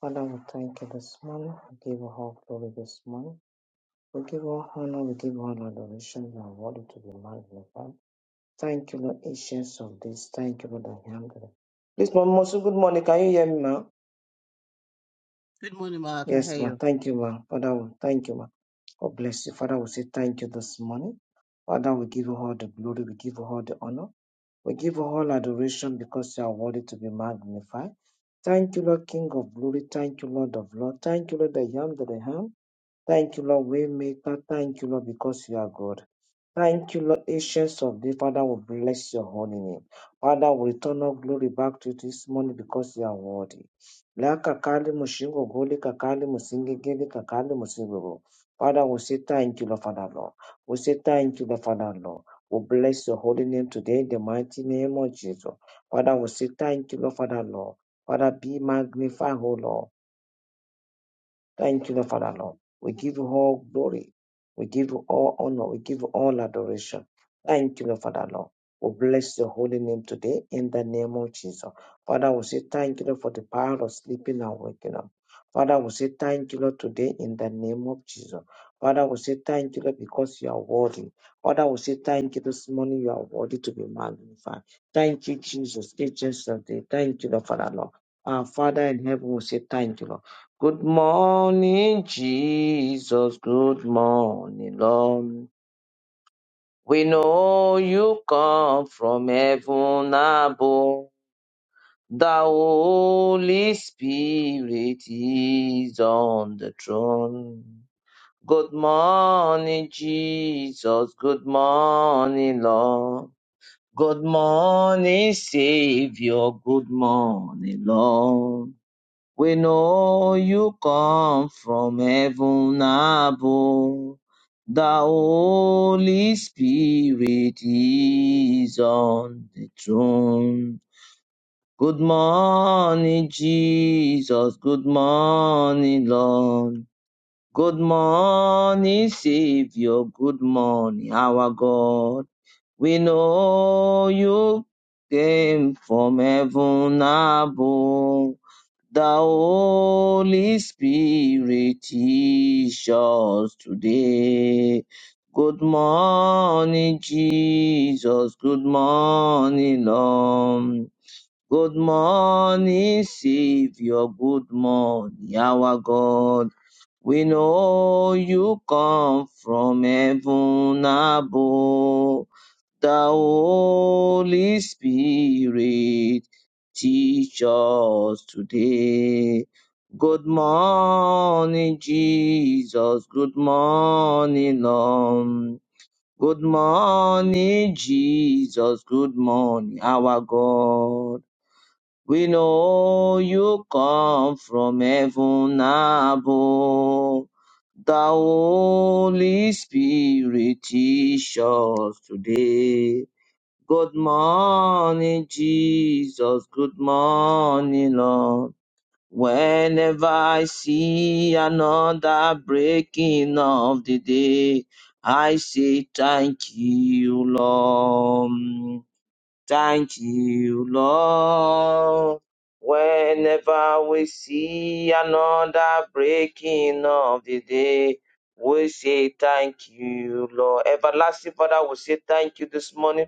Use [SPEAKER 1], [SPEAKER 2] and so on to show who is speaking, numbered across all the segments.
[SPEAKER 1] Father, we thank you this morning. We give you all glory this morning. We give you all honor. We give you all adoration. You are worthy to be magnified. Thank you, Lord, ancients of this. Thank you, Lord, I am God. Please, Mom, Mosu, good morning. Can you hear me, ma'am?
[SPEAKER 2] Good morning, Mark. How are
[SPEAKER 1] Yes, ma'am.
[SPEAKER 2] you?
[SPEAKER 1] Thank you, ma'am. Father, we thank you, ma'am. God bless you. Father, we say thank you this morning. Father, we give you all the glory. We give you all the honor. We give you all adoration because you are worthy to be magnified. Thank you, Lord, King of glory. Thank you, Lord of Lord. Thank you, Lord, I am that I am. Thank you, Lord Waymaker. Thank you, Lord, because you are God. Thank you, Lord, Ancients of Day. Father, we bless your holy name. Father, we return all glory back to you this morning because you are worthy. La kakali mushingo goli kakali musinge geli kakali musingo. Father, we say thank you, Lord, Father, Lord. We say thank you, Lord, Father, Lord. We bless your holy name today in the mighty name of Jesus. Father, we say thank you, Lord, Father, Lord. Father, be magnified, O Lord. Thank you, the Father, Lord. We give you all glory. We give you all honor. We give you all adoration. Thank you, the Father, Lord. We bless your holy name today in the name of Jesus. Father, we say thank you, Lord, for the power of sleeping and waking up. Father, we say thank you, Lord, today in the name of Jesus. Father, we say thank you, Lord, because you are worthy. Father, we say thank you this morning. You are worthy to be magnified. Thank you, Jesus, agents of day. Thank you, the Father, Lord. Our Father in heaven, we say thank you, Lord. Good morning, Jesus. Good morning, Lord. We know you come from heaven above. The Holy Spirit is on the throne. Good morning, Jesus. Good morning, Lord. Good morning, Savior. Good morning, Lord. We know you come from heaven above. The Holy Spirit is on the throne. Good morning, Jesus. Good morning, Lord. Good morning, Savior. Good morning, our God. We know you came from heaven above. The Holy Spirit teach us today. Good morning, Jesus. Good morning, Lord. Good morning, Savior. Good morning, our God. We know you come from heaven above. The Holy Spirit teach us today. Good morning, Jesus. Good morning, Lord. Good morning, Jesus. Good morning, our God. We know you come from heaven above. The Holy Spirit teach us today. Good morning, Jesus. Good morning, Lord. Whenever I see another breaking of the day, I say thank you, Lord. Thank you, Lord. Whenever we see another breaking of the day, we say thank you, Lord. Everlasting Father, we say thank you this morning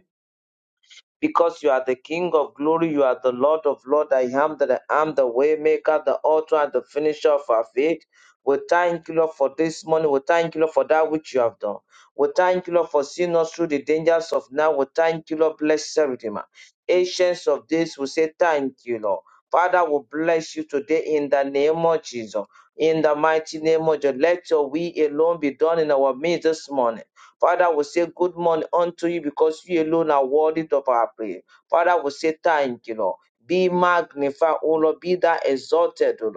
[SPEAKER 1] because you are the King of glory, you are the Lord of Lord. I am that I am the way maker, the author, and the finisher of our faith. We thank you, Lord, for this morning. We thank you, Lord, for that which you have done. We thank you, Lord, for seeing us through the dangers of now. We thank you, Lord, blessed Redeemer. Ancients of this, we say thank you, Lord. Father, we bless you today in the name of Jesus. In the mighty name of Jesus, let your will alone be done in our midst this morning. Father, we say good morning unto you because you alone are worthy of our prayer. Father, we say thank you, Lord. Be magnified, O Lord. Be thou exalted, O Lord.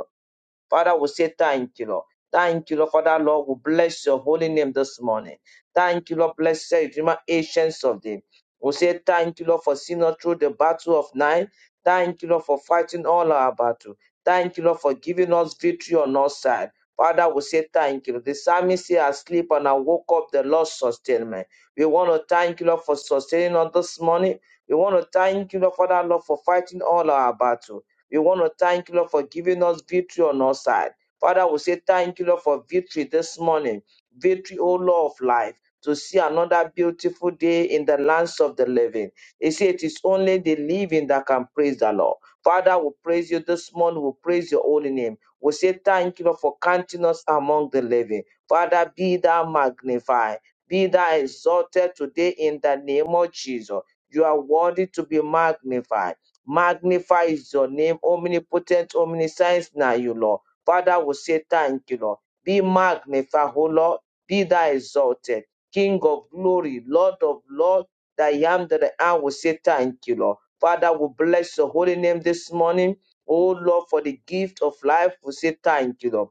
[SPEAKER 1] Father, we say thank you, Lord. Thank you, Lord. Father, Lord, we bless your holy name this morning. Thank you, Lord. bless Blessed Redeemer, ancients of them. We say thank you, Lord, for seeing us through the battle of night. Thank you, Lord, for fighting all our battle. Thank you, Lord, for giving us victory on our side. Father, we say thank you. The psalmist say, I sleep and I woke up, the Lord sustained me. We want to thank you, Lord, for sustaining us this morning. We want to thank you, Lord, Father, Lord, for fighting all our battle. We want to thank you, Lord, for giving us victory on our side. Father, we say thank you, Lord, for victory this morning. Victory, O Lord of life, to see another beautiful day in the lands of the living. They say it is only the living that can praise the Lord. Father, we praise you this morning. We praise your holy name. We say thank you, Lord, for counting us among the living. Father, be thou magnified. Be thou exalted today in the name of Jesus. You are worthy to be magnified. Magnify your name, omnipotent, omniscience. Now, you Lord. Father, we say thank you, Lord. Be magnified, O Lord. Be thou exalted, King of glory, Lord of Lord. That I am that I am. We say thank you, Lord. Father, we bless your holy name this morning. Oh Lord, for the gift of life, we say thank you, Lord.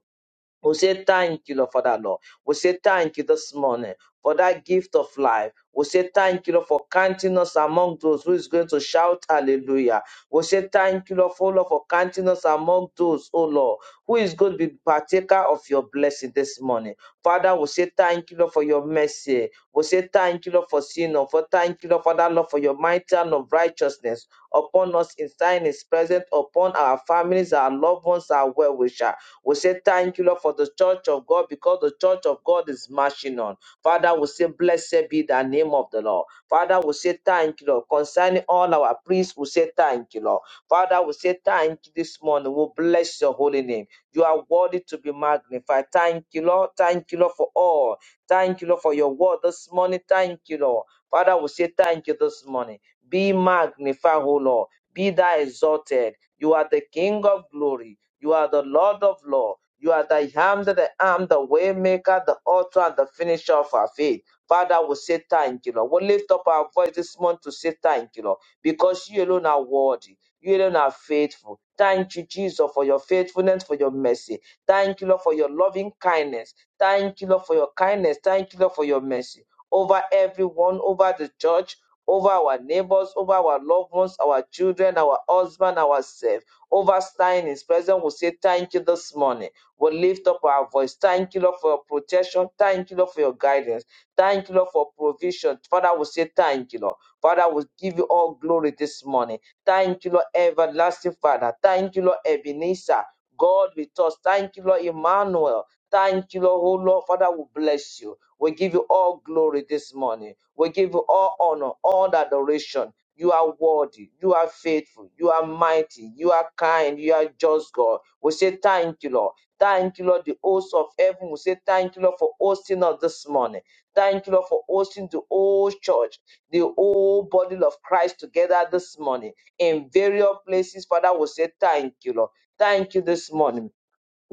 [SPEAKER 1] We say thank you, Lord, for that, Lord. We say thank you this morning for that gift of life. We say thank you, Lord, for counting us among those who is going to shout hallelujah. We say thank you, Lord, for, Lord, for counting us among those, oh Lord, who is going to be partaker of your blessing this morning. Father, we say thank you, Lord, for your mercy. We say thank you, Lord, for sin, Lord, for thank you, Lord, for that, Lord, for your mighty hand of righteousness upon us in time is present, upon our families, our loved ones, our well wishers. We say thank you, Lord, for the church of God because the church of God is marching on. Father, we say blessed be the name of the Lord. Father, we say thank you, Lord. Concerning all our priests, we say thank you, Lord. Father, we say thank you this morning. We bless your holy name. You are worthy to be magnified. Thank you, Lord. Thank you, Lord, for all. Thank you, Lord, for your word this morning. Thank you, Lord. Father, we say thank you this morning. Be magnified, O Lord. Be thou exalted. You are the King of glory. You are the Lord of Lord. You are the I am that I am, the way maker, the author, and the finisher of our faith. Father, we say thank you, Lord. We lift up our voice this month to say thank you, Lord, because you alone are worthy. You alone are faithful. Thank you, Jesus, for your faithfulness, for your mercy. Thank you, Lord, for your loving kindness. Thank you, Lord, for your kindness. Thank you, Lord, for your mercy. Over everyone, over the church, over our neighbors, over our loved ones, our children, our husband, ourselves. Overstaying His presence. We'll say thank you this morning. We'll lift up our voice. Thank you, Lord, for your protection. Thank you, Lord, for your guidance. Thank you, Lord, for provision. Father, we'll say thank you, Lord. Father, we'll give you all glory this morning. Thank you, Lord, everlasting Father. Thank you, Lord, Ebenezer. God with us. Thank you, Lord, Emmanuel. Thank you, Lord. Oh, Lord, Father, we bless you. We give you all glory this morning. We give you all honor, all adoration. You are worthy. You are faithful. You are mighty. You are kind. You are just God. We say thank you, Lord. Thank you, Lord, the host of heaven. We say thank you, Lord, for hosting us this morning. Thank you, Lord, for hosting the whole church, the whole body of Christ together this morning in various places. Father, we say thank you, Lord. Thank you this morning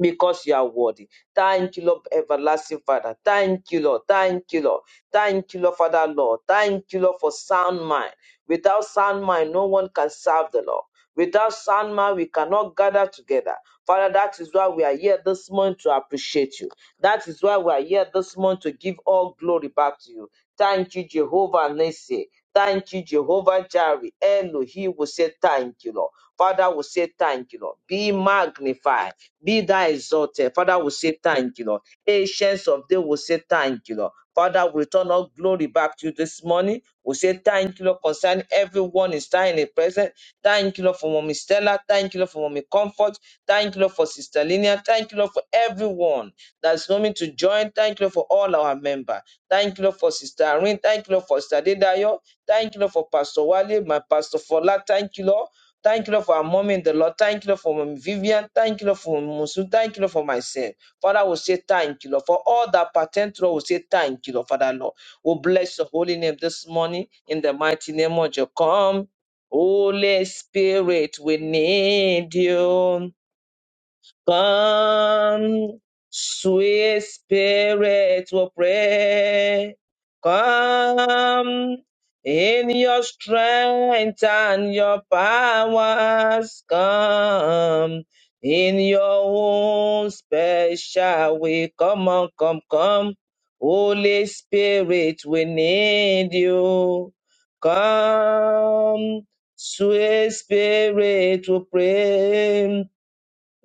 [SPEAKER 1] because you are worthy. Thank you, Lord, everlasting Father. Thank you, Lord. Thank you, Lord. Thank you, Lord, Father, Lord. Thank you, Lord, for sound mind. Without sound mind, no one can serve the Lord. Without sound mind, we cannot gather together. Father, that is why we are here this morning to appreciate you. That is why we are here this morning to give all glory back to you. Thank you, Jehovah Nissi. Thank you, Jehovah Jireh. Elohim will say thank you, Lord. Father will say thank you, Lord. Be magnified be thou exalted. Father, we say thank you, Lord. Ancients of day, we say thank you, Lord. Father, we return all glory back to you this morning. We say thank you, Lord, concerning everyone is standing in the present. Thank you, Lord, for Mommy Stella. Thank you, Lord, for Mommy Comfort. Thank you, Lord, for Sister Linia. Thank you, Lord, for everyone that's coming to join. Thank you, Lord, for all our members. Thank you, Lord, for Sister Irene. Thank you, Lord, for Sister Dedayo. Thank you, Lord, for Pastor Wale, my Pastor Fola. Thank you, Lord. Thank you, Lord, for our mom in the Lord. Thank you, Lord, for Mom Vivian. Thank you, Lord, for Mom Musu. Thank you, Lord, for myself. Father, we say thank you, Lord. For all that pertain to us, we say thank you, Lord, Father, Lord. We bless your holy name this morning in the mighty name of your come. Holy Spirit, we need you. Come, sweet spirit to pray. Come in your strength and your powers. Come in your own special way. Come on, come, come. Holy Spirit, we need you. Come, sweet spirit to pray.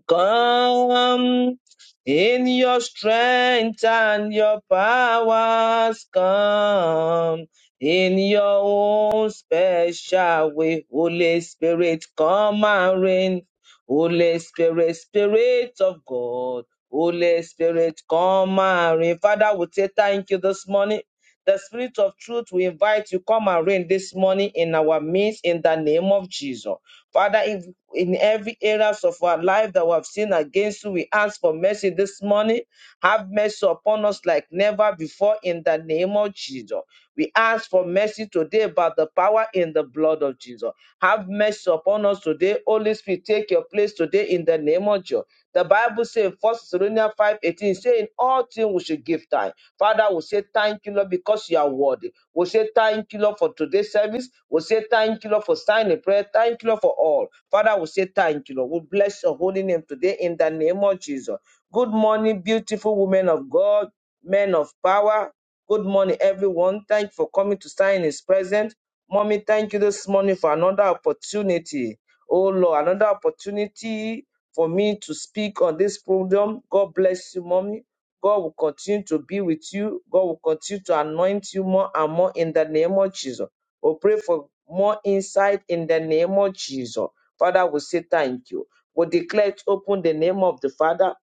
[SPEAKER 1] Come in your strength and your powers. Come in your own special way. Holy Spirit, come and reign. Holy Spirit, Spirit of God. Holy Spirit, come and reign. Father, we say thank you this morning. The Spirit of truth, we invite you, come and reign this morning in our midst in the name of Jesus. Father, in every areas of our life that we have sinned against you. We ask for mercy this morning. Have mercy upon us like never before in the name of Jesus. We ask for mercy today by the power in the blood of Jesus. Have mercy upon us today. Holy Spirit, take your place today in the name of Jesus. The Bible says in 1 Thessalonians 5 18, saying all things we should give time. Father, we say thank you, Lord, because you are worthy. We say thank you, Lord, for today's service. We say thank you, Lord, for signing prayer. Thank you, Lord, for all. Father, we say thank you, Lord. We bless your holy name today in the name of Jesus. Good morning, beautiful women of God, men of power. Good morning, everyone. Thank you for coming to sign his present. Mommy, thank you this morning for another opportunity. Oh Lord, another opportunity for me to speak on this program. God bless you, Mommy. God will continue to be with you. God will continue to anoint you more and more in the name of Jesus. We pray for more insight in the name of Jesus. Father, we say thank you. We declare it open the name of the Father,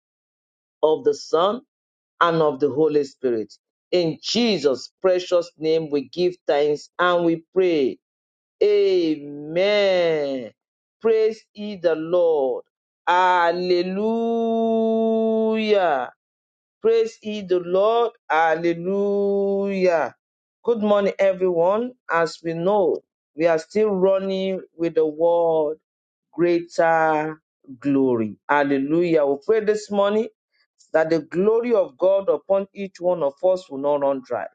[SPEAKER 1] of the Son, and of the Holy Spirit. In Jesus' precious name, we give thanks and we pray. Amen. Praise ye the Lord. Hallelujah. Praise ye the Lord. Hallelujah. Good morning, everyone. As we know, we are still running with the word greater glory. Hallelujah. We pray this morning that the glory of God upon each one of us will not run dry.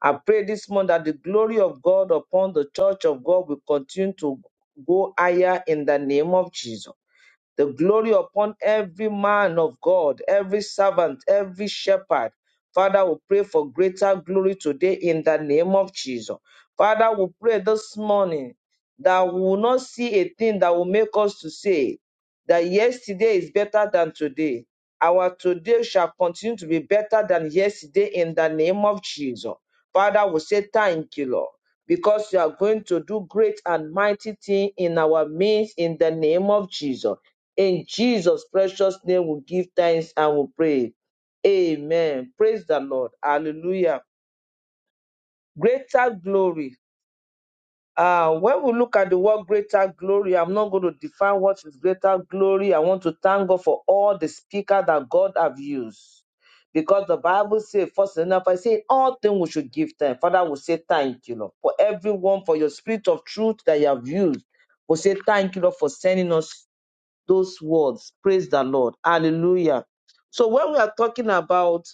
[SPEAKER 1] I pray this morning that the glory of God upon the church of God will continue to go higher in the name of Jesus the glory upon every man of God, every servant, every shepherd. Father, we pray for greater glory today in the name of Jesus. Father, we pray this morning that we will not see a thing that will make us to say that yesterday is better than today. Our today shall continue to be better than yesterday in the name of Jesus. Father, we say thank you, Lord, because you are going to do great and mighty thing in our midst in the name of Jesus. In Jesus' precious name, we give thanks and we pray. Amen. Praise the Lord. Hallelujah. Greater glory. Uh, when we look at the word greater glory, I'm not going to define what is greater glory. I want to thank God for all the speaker that God have used. Because the Bible says, first enough, I say, in all things we should give thanks. Father, we say thank you, Lord, for everyone, for your spirit of truth that you have used. We say thank you, Lord, for sending us those words. Praise the Lord. Hallelujah. So when we are talking about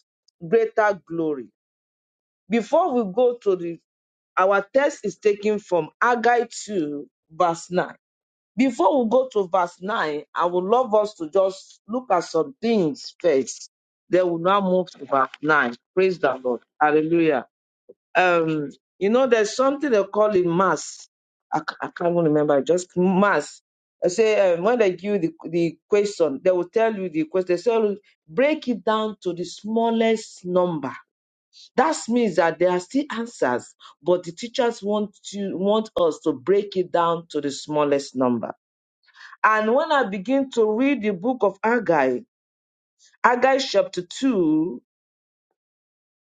[SPEAKER 1] greater glory, before we go to the our text is taken from Haggai 2, verse 9. Before we go to verse 9, I would love us to just look at some things first. Then we'll now move to verse 9. Praise the Lord. Hallelujah. Um, you know, there's something they call it mass. I, ca- I can't even remember, just mass. I say, um, when they give you the, the question, they will tell you the question. They say, "Look, break it down to the smallest number. That means that there are still answers, but the teachers want to want us to break it down to the smallest number. And when I begin to read the book of Agai, Agai chapter 2,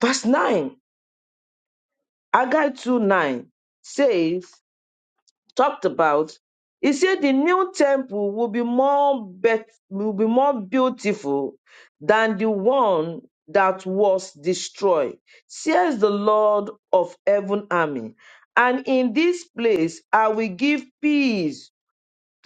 [SPEAKER 1] verse 9, Agai 2 9 says, talked about, he said the new temple will be more bet- will be more beautiful than the one that was destroyed, says the Lord of heaven army. And in this place I will give peace.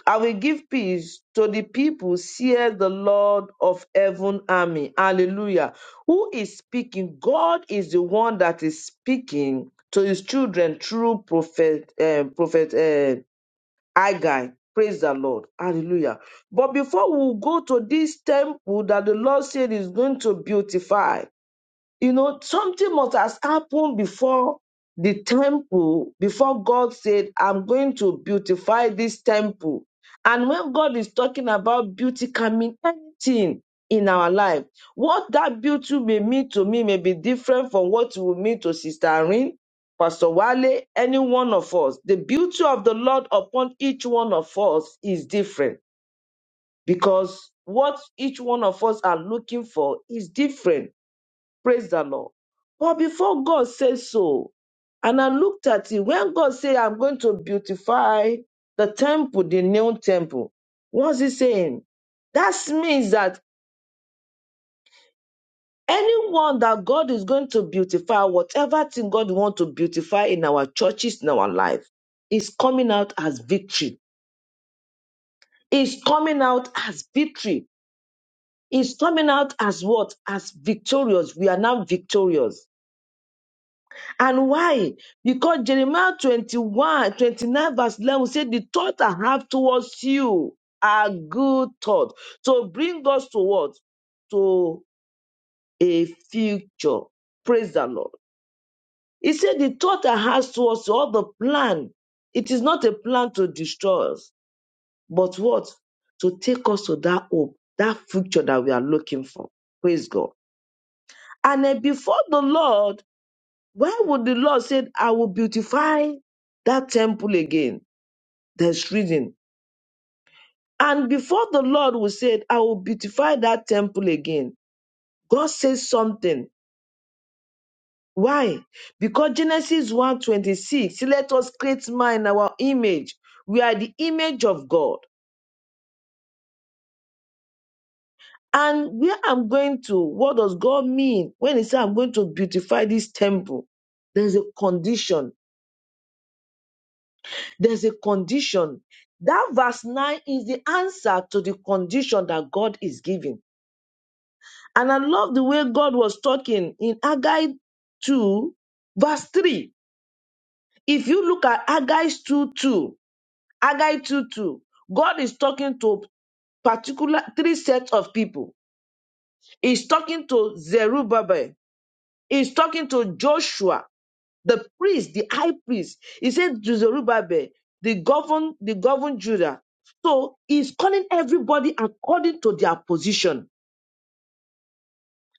[SPEAKER 1] I will give peace to the people, says the Lord of heaven army. Hallelujah. Who is speaking? God is the one that is speaking to his children through prophet, eh, prophet, uh, I guy. Praise the Lord. Hallelujah. But before we go to this temple that the Lord said is going to beautify, you know, something must has happened before the temple, before God said, I'm going to beautify this temple. And when God is talking about beauty can mean anything in our life. What that beauty may mean to me may be different from what it will mean to Sister Irene, Pastor Wale, any one of us. The beauty of the Lord upon each one of us is different because what each one of us are looking for is different Praise the Lord. But before God said so, and I looked at it, when God said, I'm going to beautify the temple, the new temple, what's he saying? That means that anyone that God is going to beautify, whatever thing God wants to beautify in our churches, in our life, is coming out as victory. Is coming out as victory. Is coming out as what? As victorious. We are now victorious And why? Because Jeremiah 21 29 verse 11 said, The thought I have towards you are good thought. So bring us to what? To a future. Praise the Lord. He said, The thought I have towards you, all the plan, it is not a plan to destroy us, but what? To take us to that hope, that future that we are looking for. Praise God. And then before the Lord, Why would the Lord say, I will beautify that temple again? There's reason. And before the Lord will say, I will beautify that temple again, God says something. Why? Because Genesis 1:26, let us create man in our image. We are the image of God. And where I'm going to, what does God mean when He said I'm going to beautify this temple? There's a condition There's a condition. That verse 9 is the answer to the condition that God is giving. And I love the way God was talking in Haggai 2, verse 3. If you look at Haggai 2, 2, Haggai 2, 2, God is talking to particular three sets of people. He's talking to Zerubbabel. He's talking to Joshua the priest, the high priest. He said to Zerubbabel, the govern, the govern Judah. So he's calling everybody according to their position.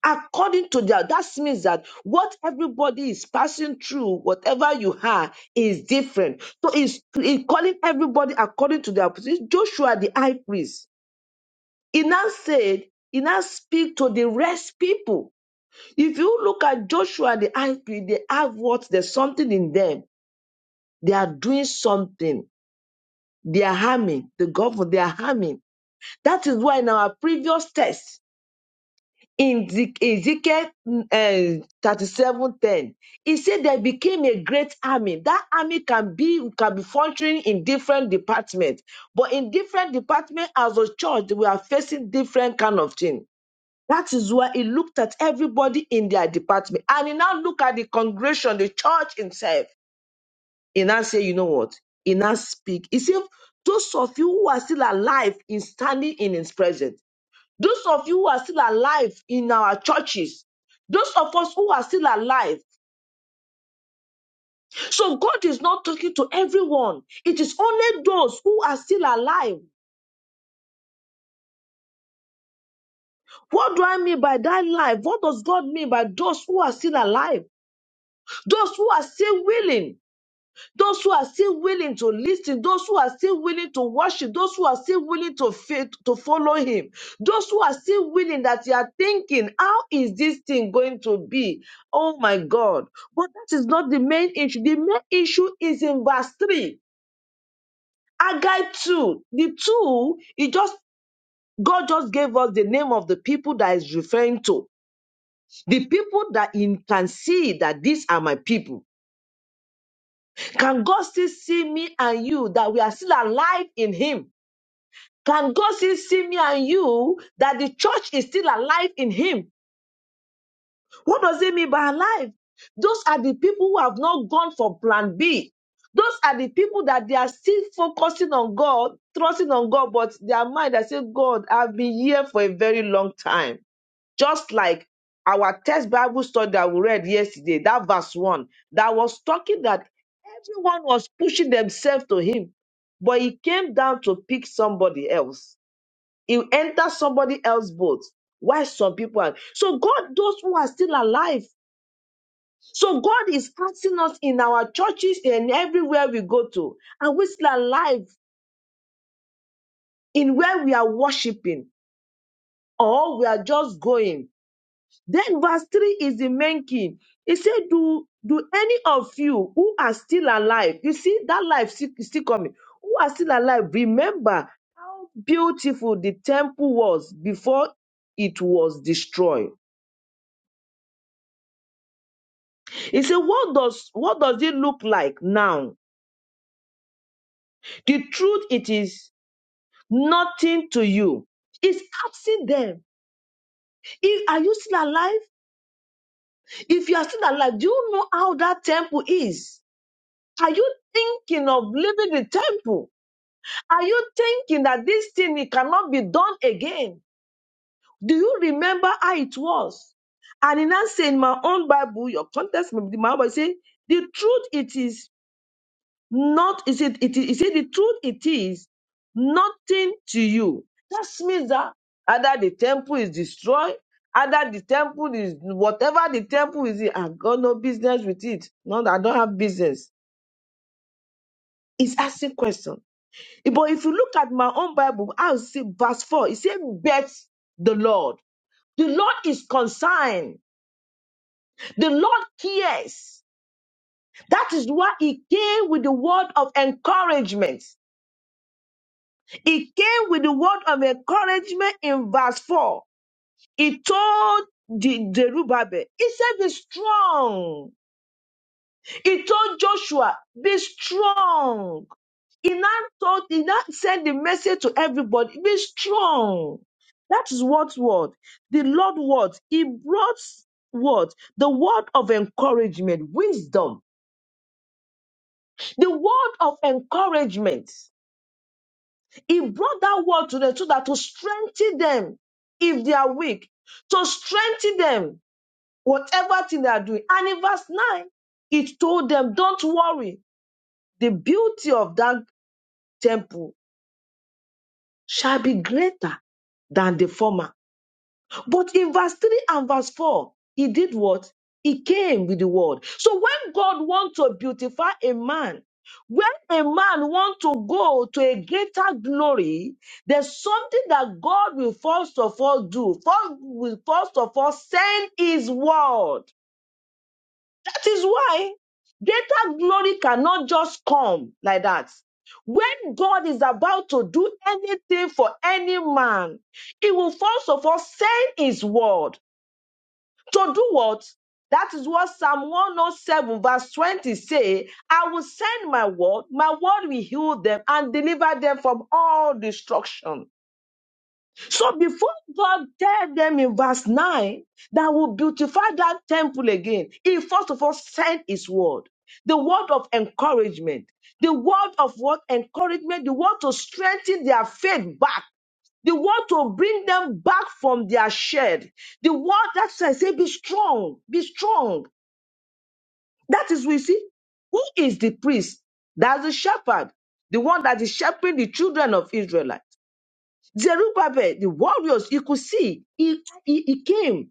[SPEAKER 1] According to their, that means that what everybody is passing through, whatever you are, is different. So he's, he's calling everybody according to their position. Joshua, the high priest, he now said, he now speak to the rest people. If you look at Joshua, the high priest, they have what? There's something in them. They are doing something They are harming the government. They are harming. That is why in our previous test in Ze- Ezekiel uh, thirty-seven ten, he said there became a great army. That army can be can be functioning in different departments, but in different departments as a church, we are facing different kind of thing. That is why he looked at everybody in their department, and he now look at the congregation, the church itself he now say, you know what? He now speak. He said, those of you who are still alive in standing in his presence, those of you who are still alive in our churches, those of us who are still alive. So God is not talking to everyone. It is only those who are still alive. What do I mean by that life? What does God mean by those who are still alive? Those who are still willing Those who are still willing to listen, those who are still willing to worship, those who are still willing to faith, to follow him, those who are still willing that you are thinking, how is this thing going to be? Oh my God. But that is not the main issue. The main issue is in verse 3. Agai 2. The 2, it just God just gave us the name of the people that is referring to. The people that in can see that these are my people. Can God still see me and you that we are still alive in Him? Can God still see me and you that the church is still alive in Him? What does it mean by alive? Those are the people who have not gone for plan B. Those are the people that they are still focusing on God, trusting on God, but their mind has said, God, I've been here for a very long time. Just like our text Bible study that we read yesterday, that verse one, that was talking that everyone was pushing themselves to Him, but He came down to pick somebody else. You enter somebody else's boat. Why some people are so God, those who are still alive. So God is asking us in our churches and everywhere we go to, are we still alive in where we are worshiping or we are just going? Then verse 3 is the main key. He said, Do do any of you who are still alive, you see that life still still coming, who are still alive, remember how beautiful the temple was before it was destroyed He said, What does what does it look like now? The truth it is nothing to you. It's absent them, if, are you still alive? If you are still alive, do you know how that temple is? Are you thinking of leaving the temple? Are you thinking that this thing it cannot be done again? Do you remember how it was? And in that saying, my own Bible, your context my Bible say, the truth it is Not is it it is you see, the truth it is nothing to you. That means that either the temple is destroyed, either the temple is whatever the temple is, I got no business with it. No, I don't have business. It's asking question. But if you look at my own Bible, I'll see verse 4. It says, Bet the Lord. The Lord is concerned. The Lord cares. That is why he came with the word of encouragement. It came with the word of encouragement in verse 4. He told the Zerubbabel, he said, be strong. He told Joshua, be strong. He now told, he now sent the message to everybody, be strong. That is what word? The Lord word. He brought word, the word of encouragement, wisdom, the word of encouragement. He brought that word to them so that to strengthen them if they are weak, to strengthen them, whatever thing they are doing. And in verse 9, it told them, Don't worry, the beauty of that temple shall be greater than the former But in verse 3 and verse 4, he did what? He came with the word. So when God wants to beautify a man, when a man wants to go to a greater glory, there's something that God will first of all do. First will first of all send his word. That is why greater glory cannot just come like that. When God is about to do anything for any man, he will first of all send his word to do what? That is what Psalm 107 verse 20 say, I will send my word, my word will heal them and deliver them from all destruction. So before God tell them in verse 9 that will beautify that temple again, he first of all sent his word. The word of encouragement, the word of what encouragement, the word to strengthen their faith back the word to bring them back from their shed. The word that says, say, be strong, be strong. That is we see. Who is the priest? That's the shepherd, the one that is shepherding the children of Israel. Zerubbabel, the warriors, you could see, he, he, he came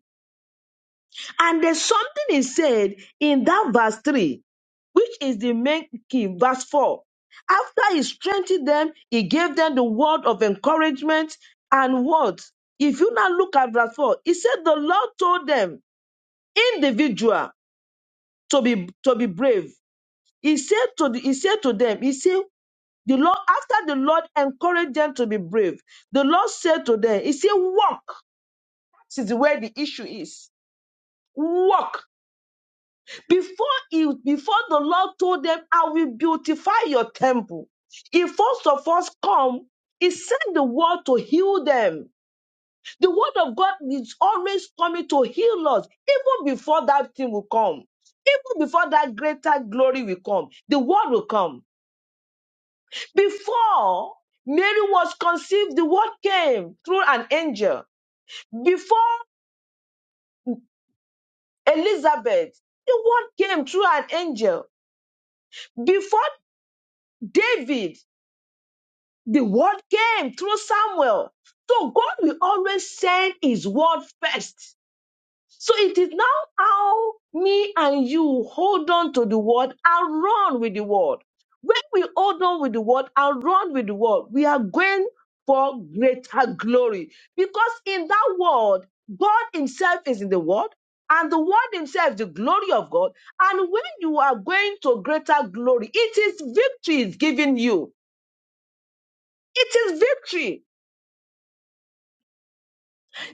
[SPEAKER 1] And there's something he said in that verse 3, which is the main key, verse 4. After he strengthened them, he gave them the word of encouragement and words. If you now look at verse 4, he said the Lord told them individual to be to be brave. He said to the, he said to them, he said, the Lord, after the Lord encouraged them to be brave, the Lord said to them, He said, Walk. That is where the issue is. Walk Before he, before the Lord told them, I will beautify your temple. He first of us come, he sent the word to heal them. The word of God is always coming to heal us, even before that thing will come. Even before that greater glory will come, the word will come. Before Mary was conceived, the word came through an angel. Before Elizabeth, the word came through an angel. Before David, The word came through Samuel. So God will always send his word first. So it is now how me and you hold on to the word and run with the word. When we hold on with the word and run with the word, we are going for greater glory. Because in that word, God Himself is in the word, and the word Himself is the glory of God. And when you are going to greater glory, it is victory is given you. It is victory.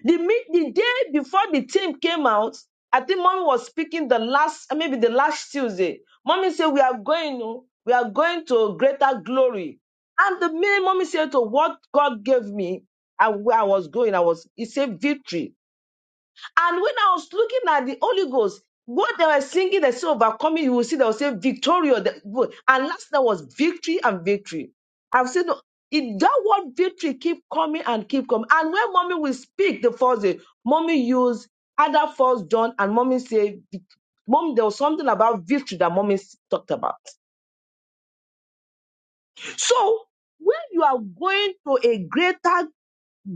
[SPEAKER 1] The, mi- the day before the team came out, I think mommy was speaking the last, uh, maybe the last Tuesday. Mommy said, We are going, oh, we are going to greater glory. And the minute mommy said to what God gave me, and where I was going, I was, He said, victory. And when I was looking at the Holy Ghost, what they were singing, they say overcoming, you will see they will say victorious. The- And last night was victory and victory. I've said no, it, that word victory keep coming and keep coming. And when mommy will speak the first day, mommy use other first done and mommy say, vic- mom, there was something about victory that mommy s- talked about. So when you are going to a greater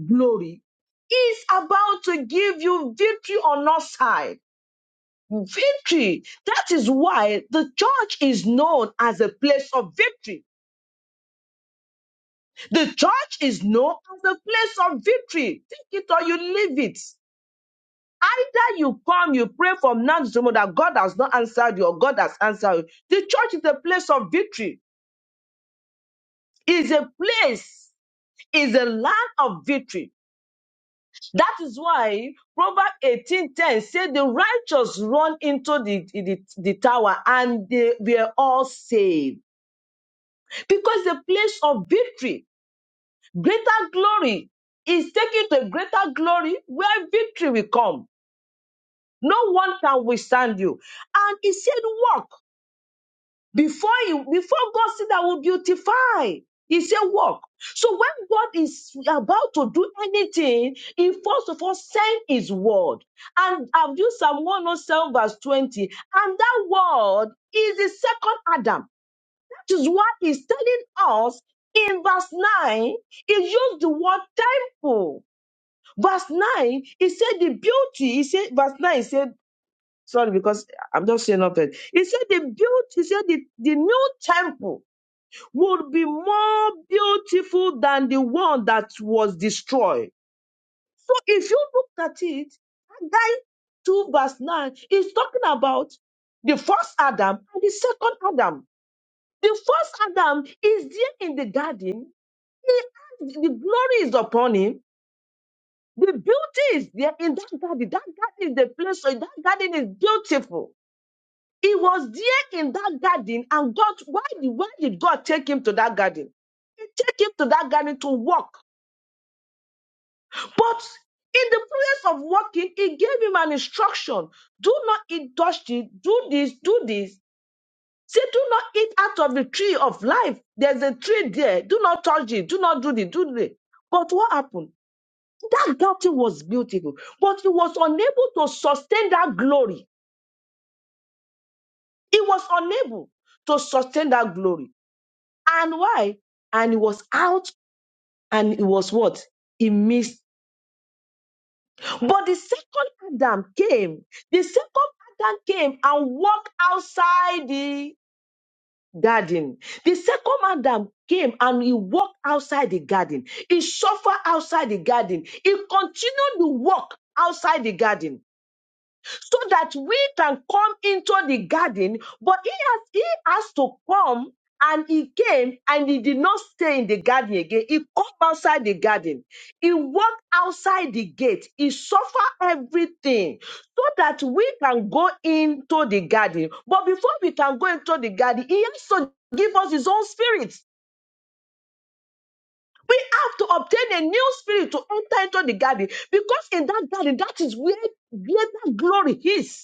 [SPEAKER 1] glory, it's about to give you victory on our side. victory. That is why the church is known as a place of victory. The church is known as a place of victory. Take it or you leave it. Either you come, you pray from now to tomorrow that God has not answered you or God has answered you. The church is a place of victory, is a place, is a land of victory. That is why Proverbs 18:10 said the righteous run into the, the, the tower and they were all saved. because the place of victory, greater glory, is taking to a greater glory where victory will come. No one can withstand you. And he said, Walk before you, before God said I will beautify. He said, Walk. So when God is about to do anything, he first of all send his word. And I've used Psalm 107, verse 20, and that word is the second Adam. Which is what he's telling us in verse 9. He used the word temple. Verse 9, he said the beauty, he said, verse 9, he said, sorry, because I'm just saying up it. He said the beauty, he said the, the new temple would be more beautiful than the one that was destroyed. So if you look at it, Haggai 2 verse 9 is talking about the first Adam and the second Adam. The first Adam is there in the garden He has, the glory is upon him. The beauty is there in that garden. That garden is the place. So that garden is beautiful. He was there in that garden, and God, why did, why did God take him to that garden? He took him to that garden to walk. But in the place of walking, he gave him an instruction. Do not eat dusty, do this, do this. Say, do not eat out of the tree of life. There's a tree there. Do not touch it. Do not do this. Do this. But what happened? That garden was beautiful, but he was unable to sustain that glory. He was unable to sustain that glory. And why? And he was out and it was what? He missed. But the second Adam came. The second Adam came and walked outside the garden. The second Adam came and he walked outside the garden. He suffered outside the garden. He continued to walk outside the garden. so that we can come into the garden. But he has he has to come and he came and he did not stay in the garden again. He come outside the garden. He walked outside the gate. He suffered everything so that we can go into the garden. But before we can go into the garden, he has to give us his own spirit. We have to obtain a new spirit to enter into the garden because in that garden, that is where greater glory is.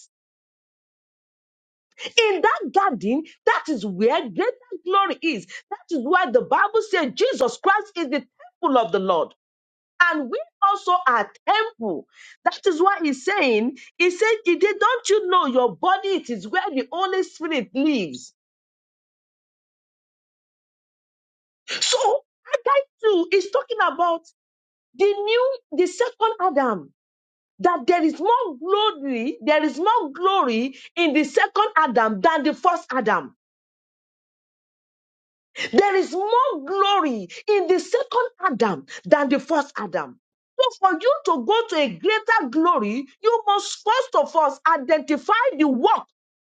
[SPEAKER 1] In that garden, that is where greater glory is. That is why the Bible says Jesus Christ is the temple of the Lord. And we also are temple. That is why he's saying, he said, "He did- don't you know your body, it is where the Holy Spirit lives. So Haggai 2 is talking about the new, the second Adam. That there is more glory, there is more glory in the second Adam than the first Adam. There is more glory in the second Adam than the first Adam. So, for you to go to a greater glory, you must first of all identify the work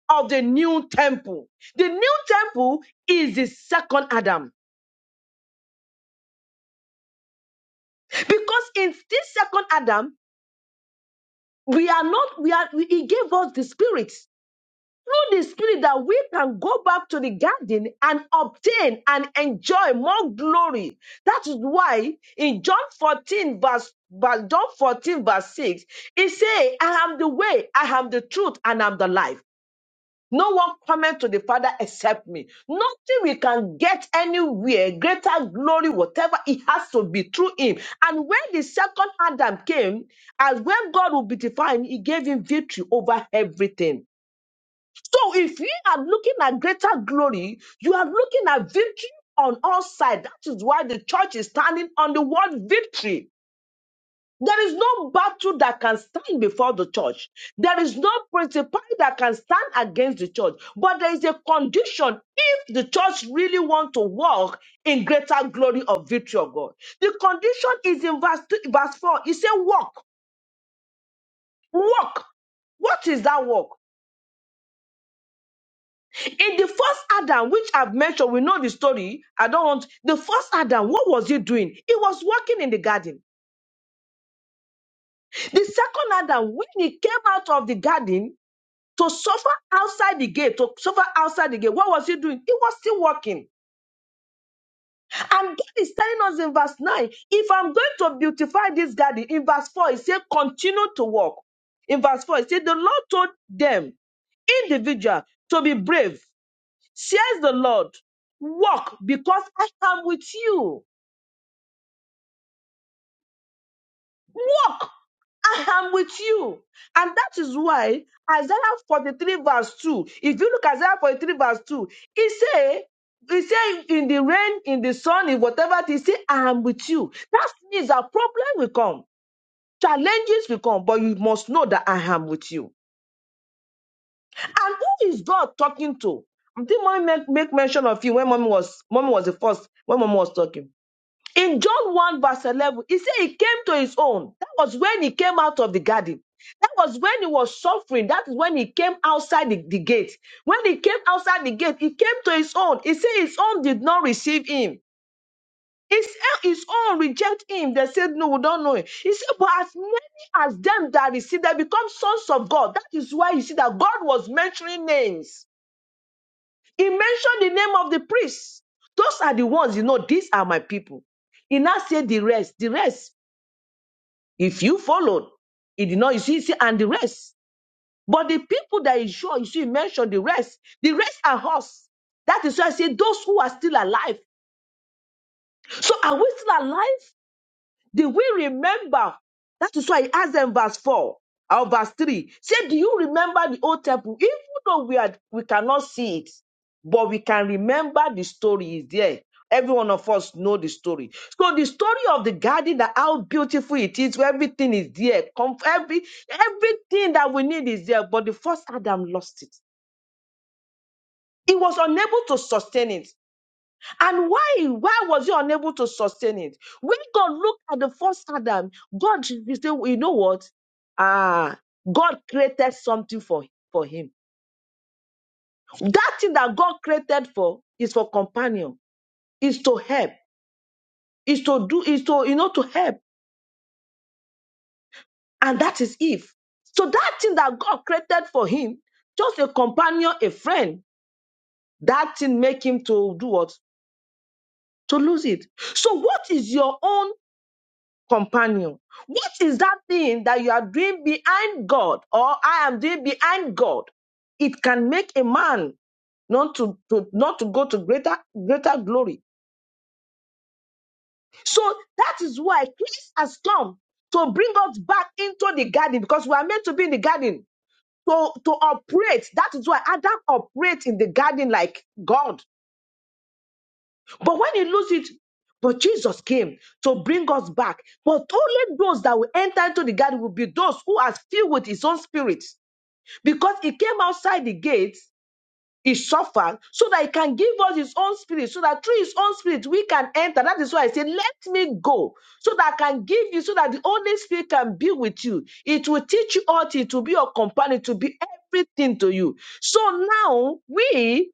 [SPEAKER 1] of the new temple. The new temple is the second Adam. Because in this second Adam, we are not, we are, we- he gave us the spirit. through the Spirit that we can go back to the garden and obtain and enjoy more glory. That is why in John 14, verse but John 14, verse 6, it says, I am the way, I am the truth, and I'm the life. No one cometh to the Father except me. Nothing we can get anywhere, greater glory, whatever it has to be through him. And when the second Adam came, as when God will beautify him, he gave him victory over everything. So if you are looking at greater glory, you are looking at victory on all sides. That is why the church is standing on the word victory. There is no battle that can stand before the church. There is no principality that can stand against the church. But there is a condition if the church really wants to walk in greater glory of victory of God. The condition is in verse, two, verse 4. It says, walk, walk. What is that walk? In the first Adam, which I've mentioned, we know the story. I don't want the first Adam. What was he doing? He was working in the garden. The second Adam, when he came out of the garden to suffer outside the gate, to suffer outside the gate, what was he doing? He was still working. And God is telling us in verse 9, if I'm going to beautify this garden, in verse 4, he said, continue to work. In verse 4, he said, the Lord told them, individual, to be brave Says the Lord, walk because I am with you. Walk, I am with you. And that is why Isaiah 43 verse 2, if you look at Isaiah 43 verse 2, it say, it say in the rain, in the sun, in whatever it is, say, I am with you. That means that problem will come. Challenges will come, but you must know that I am with you. And who is God talking to? I think mommy make, make mention of you when mommy was mommy was the first when mommy was talking. In John 1, verse 11, he said he came to his own. That was when he came out of the garden. That was when he was suffering. That is when he came outside the, the gate. When he came outside the gate, he came to his own. He said his own did not receive him. His, his own reject him. They said, No, we don't know him. He said, But as many as them that receive, they become sons of God. That is why you see that God was mentioning names. He mentioned the name of the priests. Those are the ones, you know, these are my people. He now said the rest. The rest. If you followed, it did not, you see, see, and the rest. But the people that is sure, you see, you mentioned the rest. The rest are us. That is why I say those who are still alive. So are we still alive? Did we remember? That is why he asked them verse 4 or verse 3. Say, Do you remember the old temple? Even though we are we cannot see it, but we can remember the story is there. Every one of us know the story. So the story of the garden, that how beautiful it is, where everything is there. Com- Every, everything that we need is there. But the first Adam lost it. He was unable to sustain it. And why? Why was he unable to sustain it? When God looked at the first Adam, God, he said, "Well, you know what? Ah, God created something for, for him. That thing that God created for is for companion, is to help, is to do, is to, you know, to help. And that is Eve. So that thing that God created for him, just a companion, a friend, that thing make him to do what? To lose it. So what is your own companion. What is that thing that you are doing behind God or I am doing behind God? It can make a man not to, to not to go to greater greater glory. So that is why Christ has come to bring us back into the garden because we are meant to be in the garden to to operate. That is why Adam operates in the garden like God But when he lose it, but Jesus came to bring us back. But only those that will enter into the garden will be those who are filled with his own spirit. Because he came outside the gates, he suffered so that he can give us his own spirit, so that through his own spirit we can enter. That is why I say, Let me go, so that I can give you, so that the Holy Spirit can be with you. It will teach you all, things, to be your companion, to be everything to you. So now we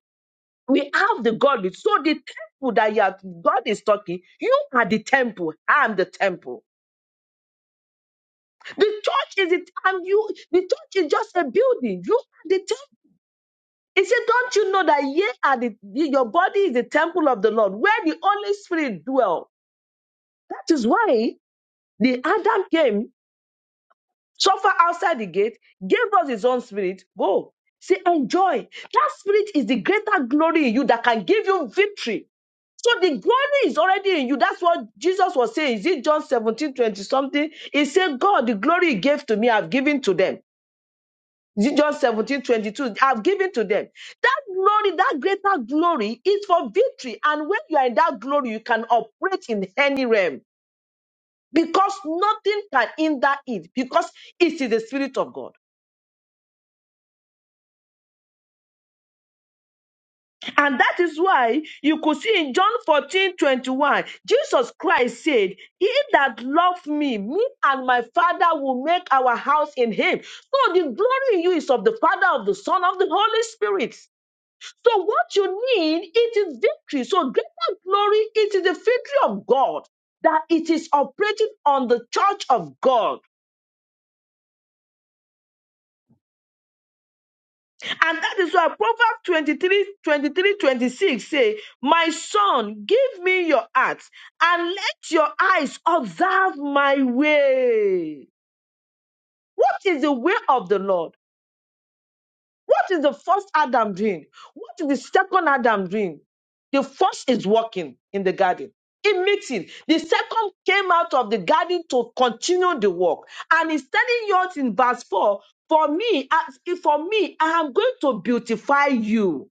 [SPEAKER 1] we have the Godhead. So the temple that you are, God is talking, you are the temple. I am the temple. The church is it, and you, the church is just a building. You are the temple. He said, Don't you know that ye are the, your body is the temple of the Lord, where the Holy Spirit dwell? That is why the Adam came, suffered outside the gate, gave us his own spirit. Go. Say, enjoy. That spirit is the greater glory in you that can give you victory So the glory is already in you. That's what Jesus was saying. Is it John 17 20 something? He said, God, the glory he gave to me, I've given to them. Is it John seventeen twenty-two? I've given to them. That glory, that greater glory is for victory. And when you are in that glory, you can operate in any realm because nothing can hinder it because it's in the spirit of God. And that is why you could see in John 14 21, Jesus Christ said, He that loved me, me and my Father will make our house in him. So the glory in you is of the Father, of the Son, of the Holy Spirit. So what you need, it is victory. So greater glory, it is the victory of God that it is operating on the church of God. And that is why Proverbs 23, 23, 26 say, My son, give me your heart and let your eyes observe my way. What is the way of the Lord? What is the first Adam doing? What is the second Adam doing? The first is walking in the garden. It makes it. The second came out of the garden to continue the work. And he's telling you out in verse 4, for me, as- for me, I am going to beautify you.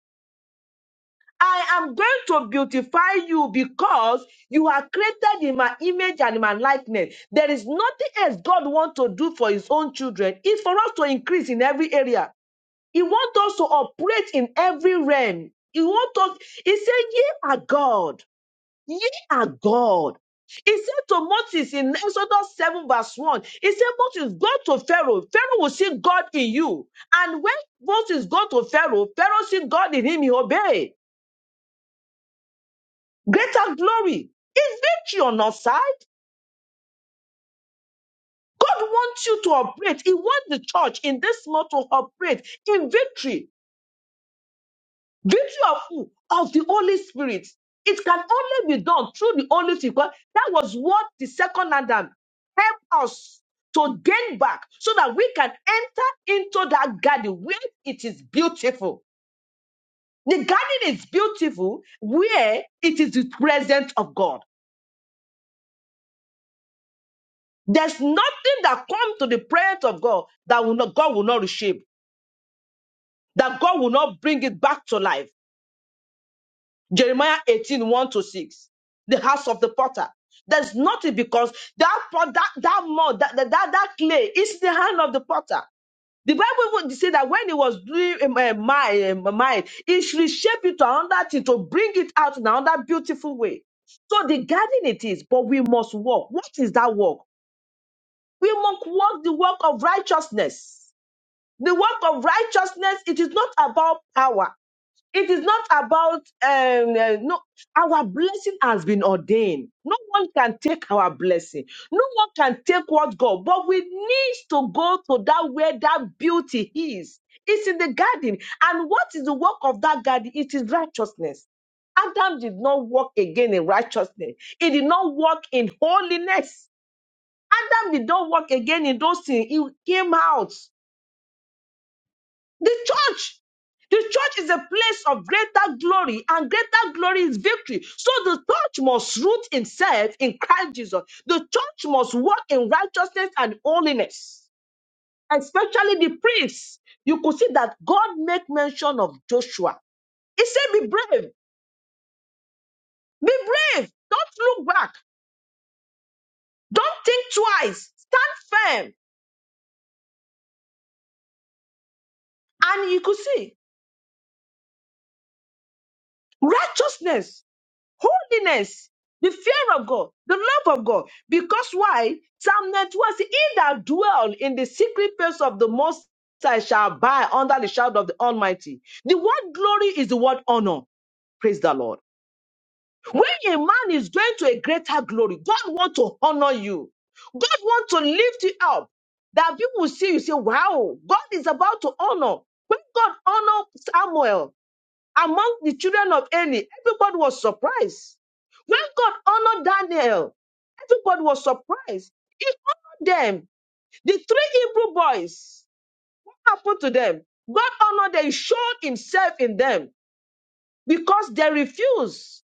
[SPEAKER 1] I am going to beautify you because you are created in my image and in my likeness. There is nothing else God wants to do for his own children. It's for us to increase in every area. He wants us to operate in every realm. He wants us, he said, ye are God. Ye are God. He said to Moses in Exodus 7 verse 1, he said, Moses, go to Pharaoh. Pharaoh will see God in you. And when Moses go to Pharaoh, Pharaoh see God in him, he obey. Greater glory. Is victory on our side? God wants you to operate. He wants the church in this month to operate in victory. Victory of who? Of the Holy Spirit. It can only be done through the Holy Spirit. God, That was what the second Adam helped us to gain back so that we can enter into that garden where it is beautiful. The garden is beautiful where it is the presence of God. There's nothing that comes to the presence of God that will not, God will not reshape, that God will not bring it back to life. Jeremiah eighteen one to 6, the house of the potter. There's nothing because that pot, that, that mud, that, that, that, that clay is the hand of the potter. The Bible would say that when he was doing um, uh, my uh, mind, he should reshape it to another thing to bring it out in another beautiful way. So the garden it is, but we must walk. What is that walk? We must walk the work of righteousness. The work of righteousness, it is not about power. It is not about, um, uh, no, our blessing has been ordained. No one can take our blessing. No one can take what God, but we need to go to that where that beauty is. It's in the garden. And what is the work of that garden? It is righteousness. Adam did not walk again in righteousness. He did not walk in holiness. Adam did not walk again in those things. He came out. The church the church is a place of greater glory, and greater glory is victory. So the church must root itself in Christ Jesus. The church must walk in righteousness and holiness, especially the priests. You could see that God made mention of Joshua. He said, Be brave, be brave, don't look back, don't think twice, stand firm. And you could see righteousness holiness, the fear of God, the love of God. Because why? Psalm 91 says, He that dwell in the secret place of the Most High shall abide under the shadow of the Almighty. The word glory is the word honor. Praise the Lord. When a man is going to a greater glory, God wants to honor you. God wants to lift you up. That people will see you say, wow, God is about to honor. When God honor Samuel, among the children of Eli, everybody was surprised. When God honored Daniel, everybody was surprised. He honored them. The three Hebrew boys, what happened to them? God honored them, He showed himself in them because they refused.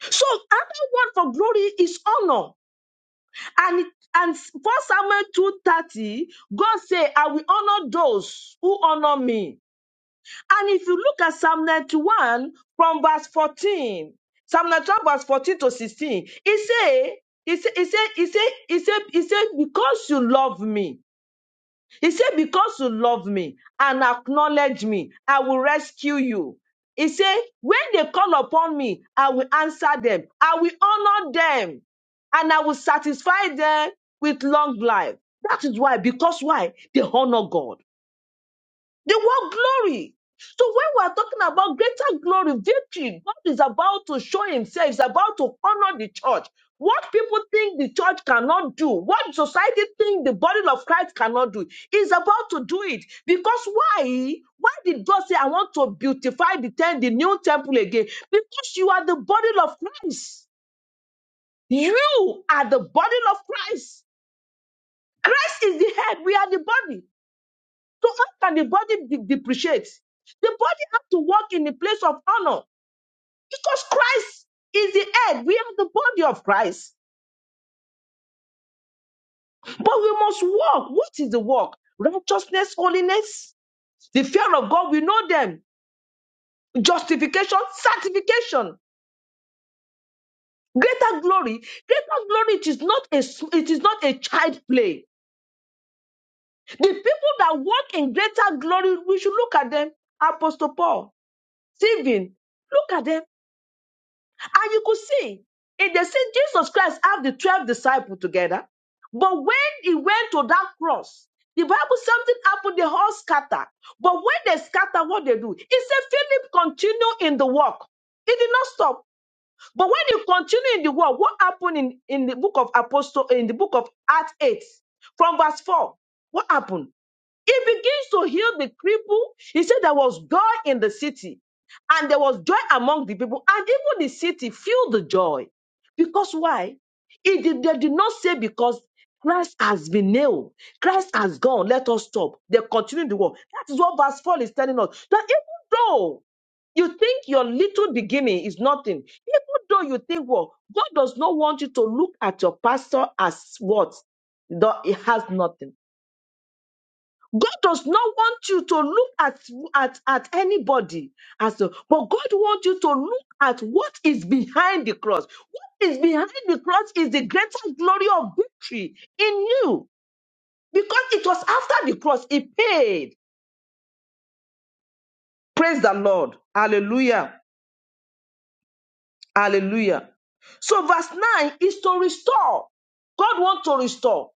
[SPEAKER 1] So another word for glory is honor. And and 1 Samuel 2:30, God said, I will honor those who honor me. And if you look at Psalm 91 from verse 14, Psalm 91 verse 14 to 16, he say, he say, he say, he say, he say, he say, because you love me, he said, because you love me and acknowledge me, I will rescue you. He said, when they call upon me, I will answer them. I will honor them and I will satisfy them with long life. That is why, because why? They honor God. They want glory. So when we are talking about greater glory, victory, God is about to show himself, he's about to honor the church. What people think the church cannot do, what society think the body of Christ cannot do, is about to do it. Because why? Why did God say, I want to beautify the, ten- the new temple again? Because you are the body of Christ. You are the body of Christ. Christ is the head. We are the body. So how can the body de- depreciate? The body has to walk in the place of honor because Christ is the head. We are the body of Christ. But we must walk. What is the walk? Righteousness, holiness, the fear of God. We know them. Justification, sanctification, greater glory. Greater glory it is not a s- it is not a child play. The people that walk in greater glory, we should look at them. Apostle Paul, Stephen, look at them And you could see, in the see Jesus Christ have the 12 disciples together, but when he went to that cross, the Bible, something happened, they all scatter. But when they scatter, what they do? He said, Philip, continue in the work. He did not stop. But when you continue in the work, what happened in, in the book of Apostle, in the book of Acts 8, from verse 4? What happened? He begins to heal the cripple. He said there was joy in the city, and there was joy among the people, and even the city filled the joy. Because why? He did, they did not say because Christ has been nailed, Christ has gone. Let us stop. They continue the war. That is what verse 4 is telling us. That even though you think your little beginning is nothing, even though you think, well, God does not want you to look at your pastor as what? Though It has nothing. God does not want you to look at, at, at anybody as a, but God wants you to look at what is behind the cross. What is behind the cross is the greater glory of victory in you. Because it was after the cross, He paid. Praise the Lord. Hallelujah. Hallelujah. So verse 9 is to restore. God wants to restore.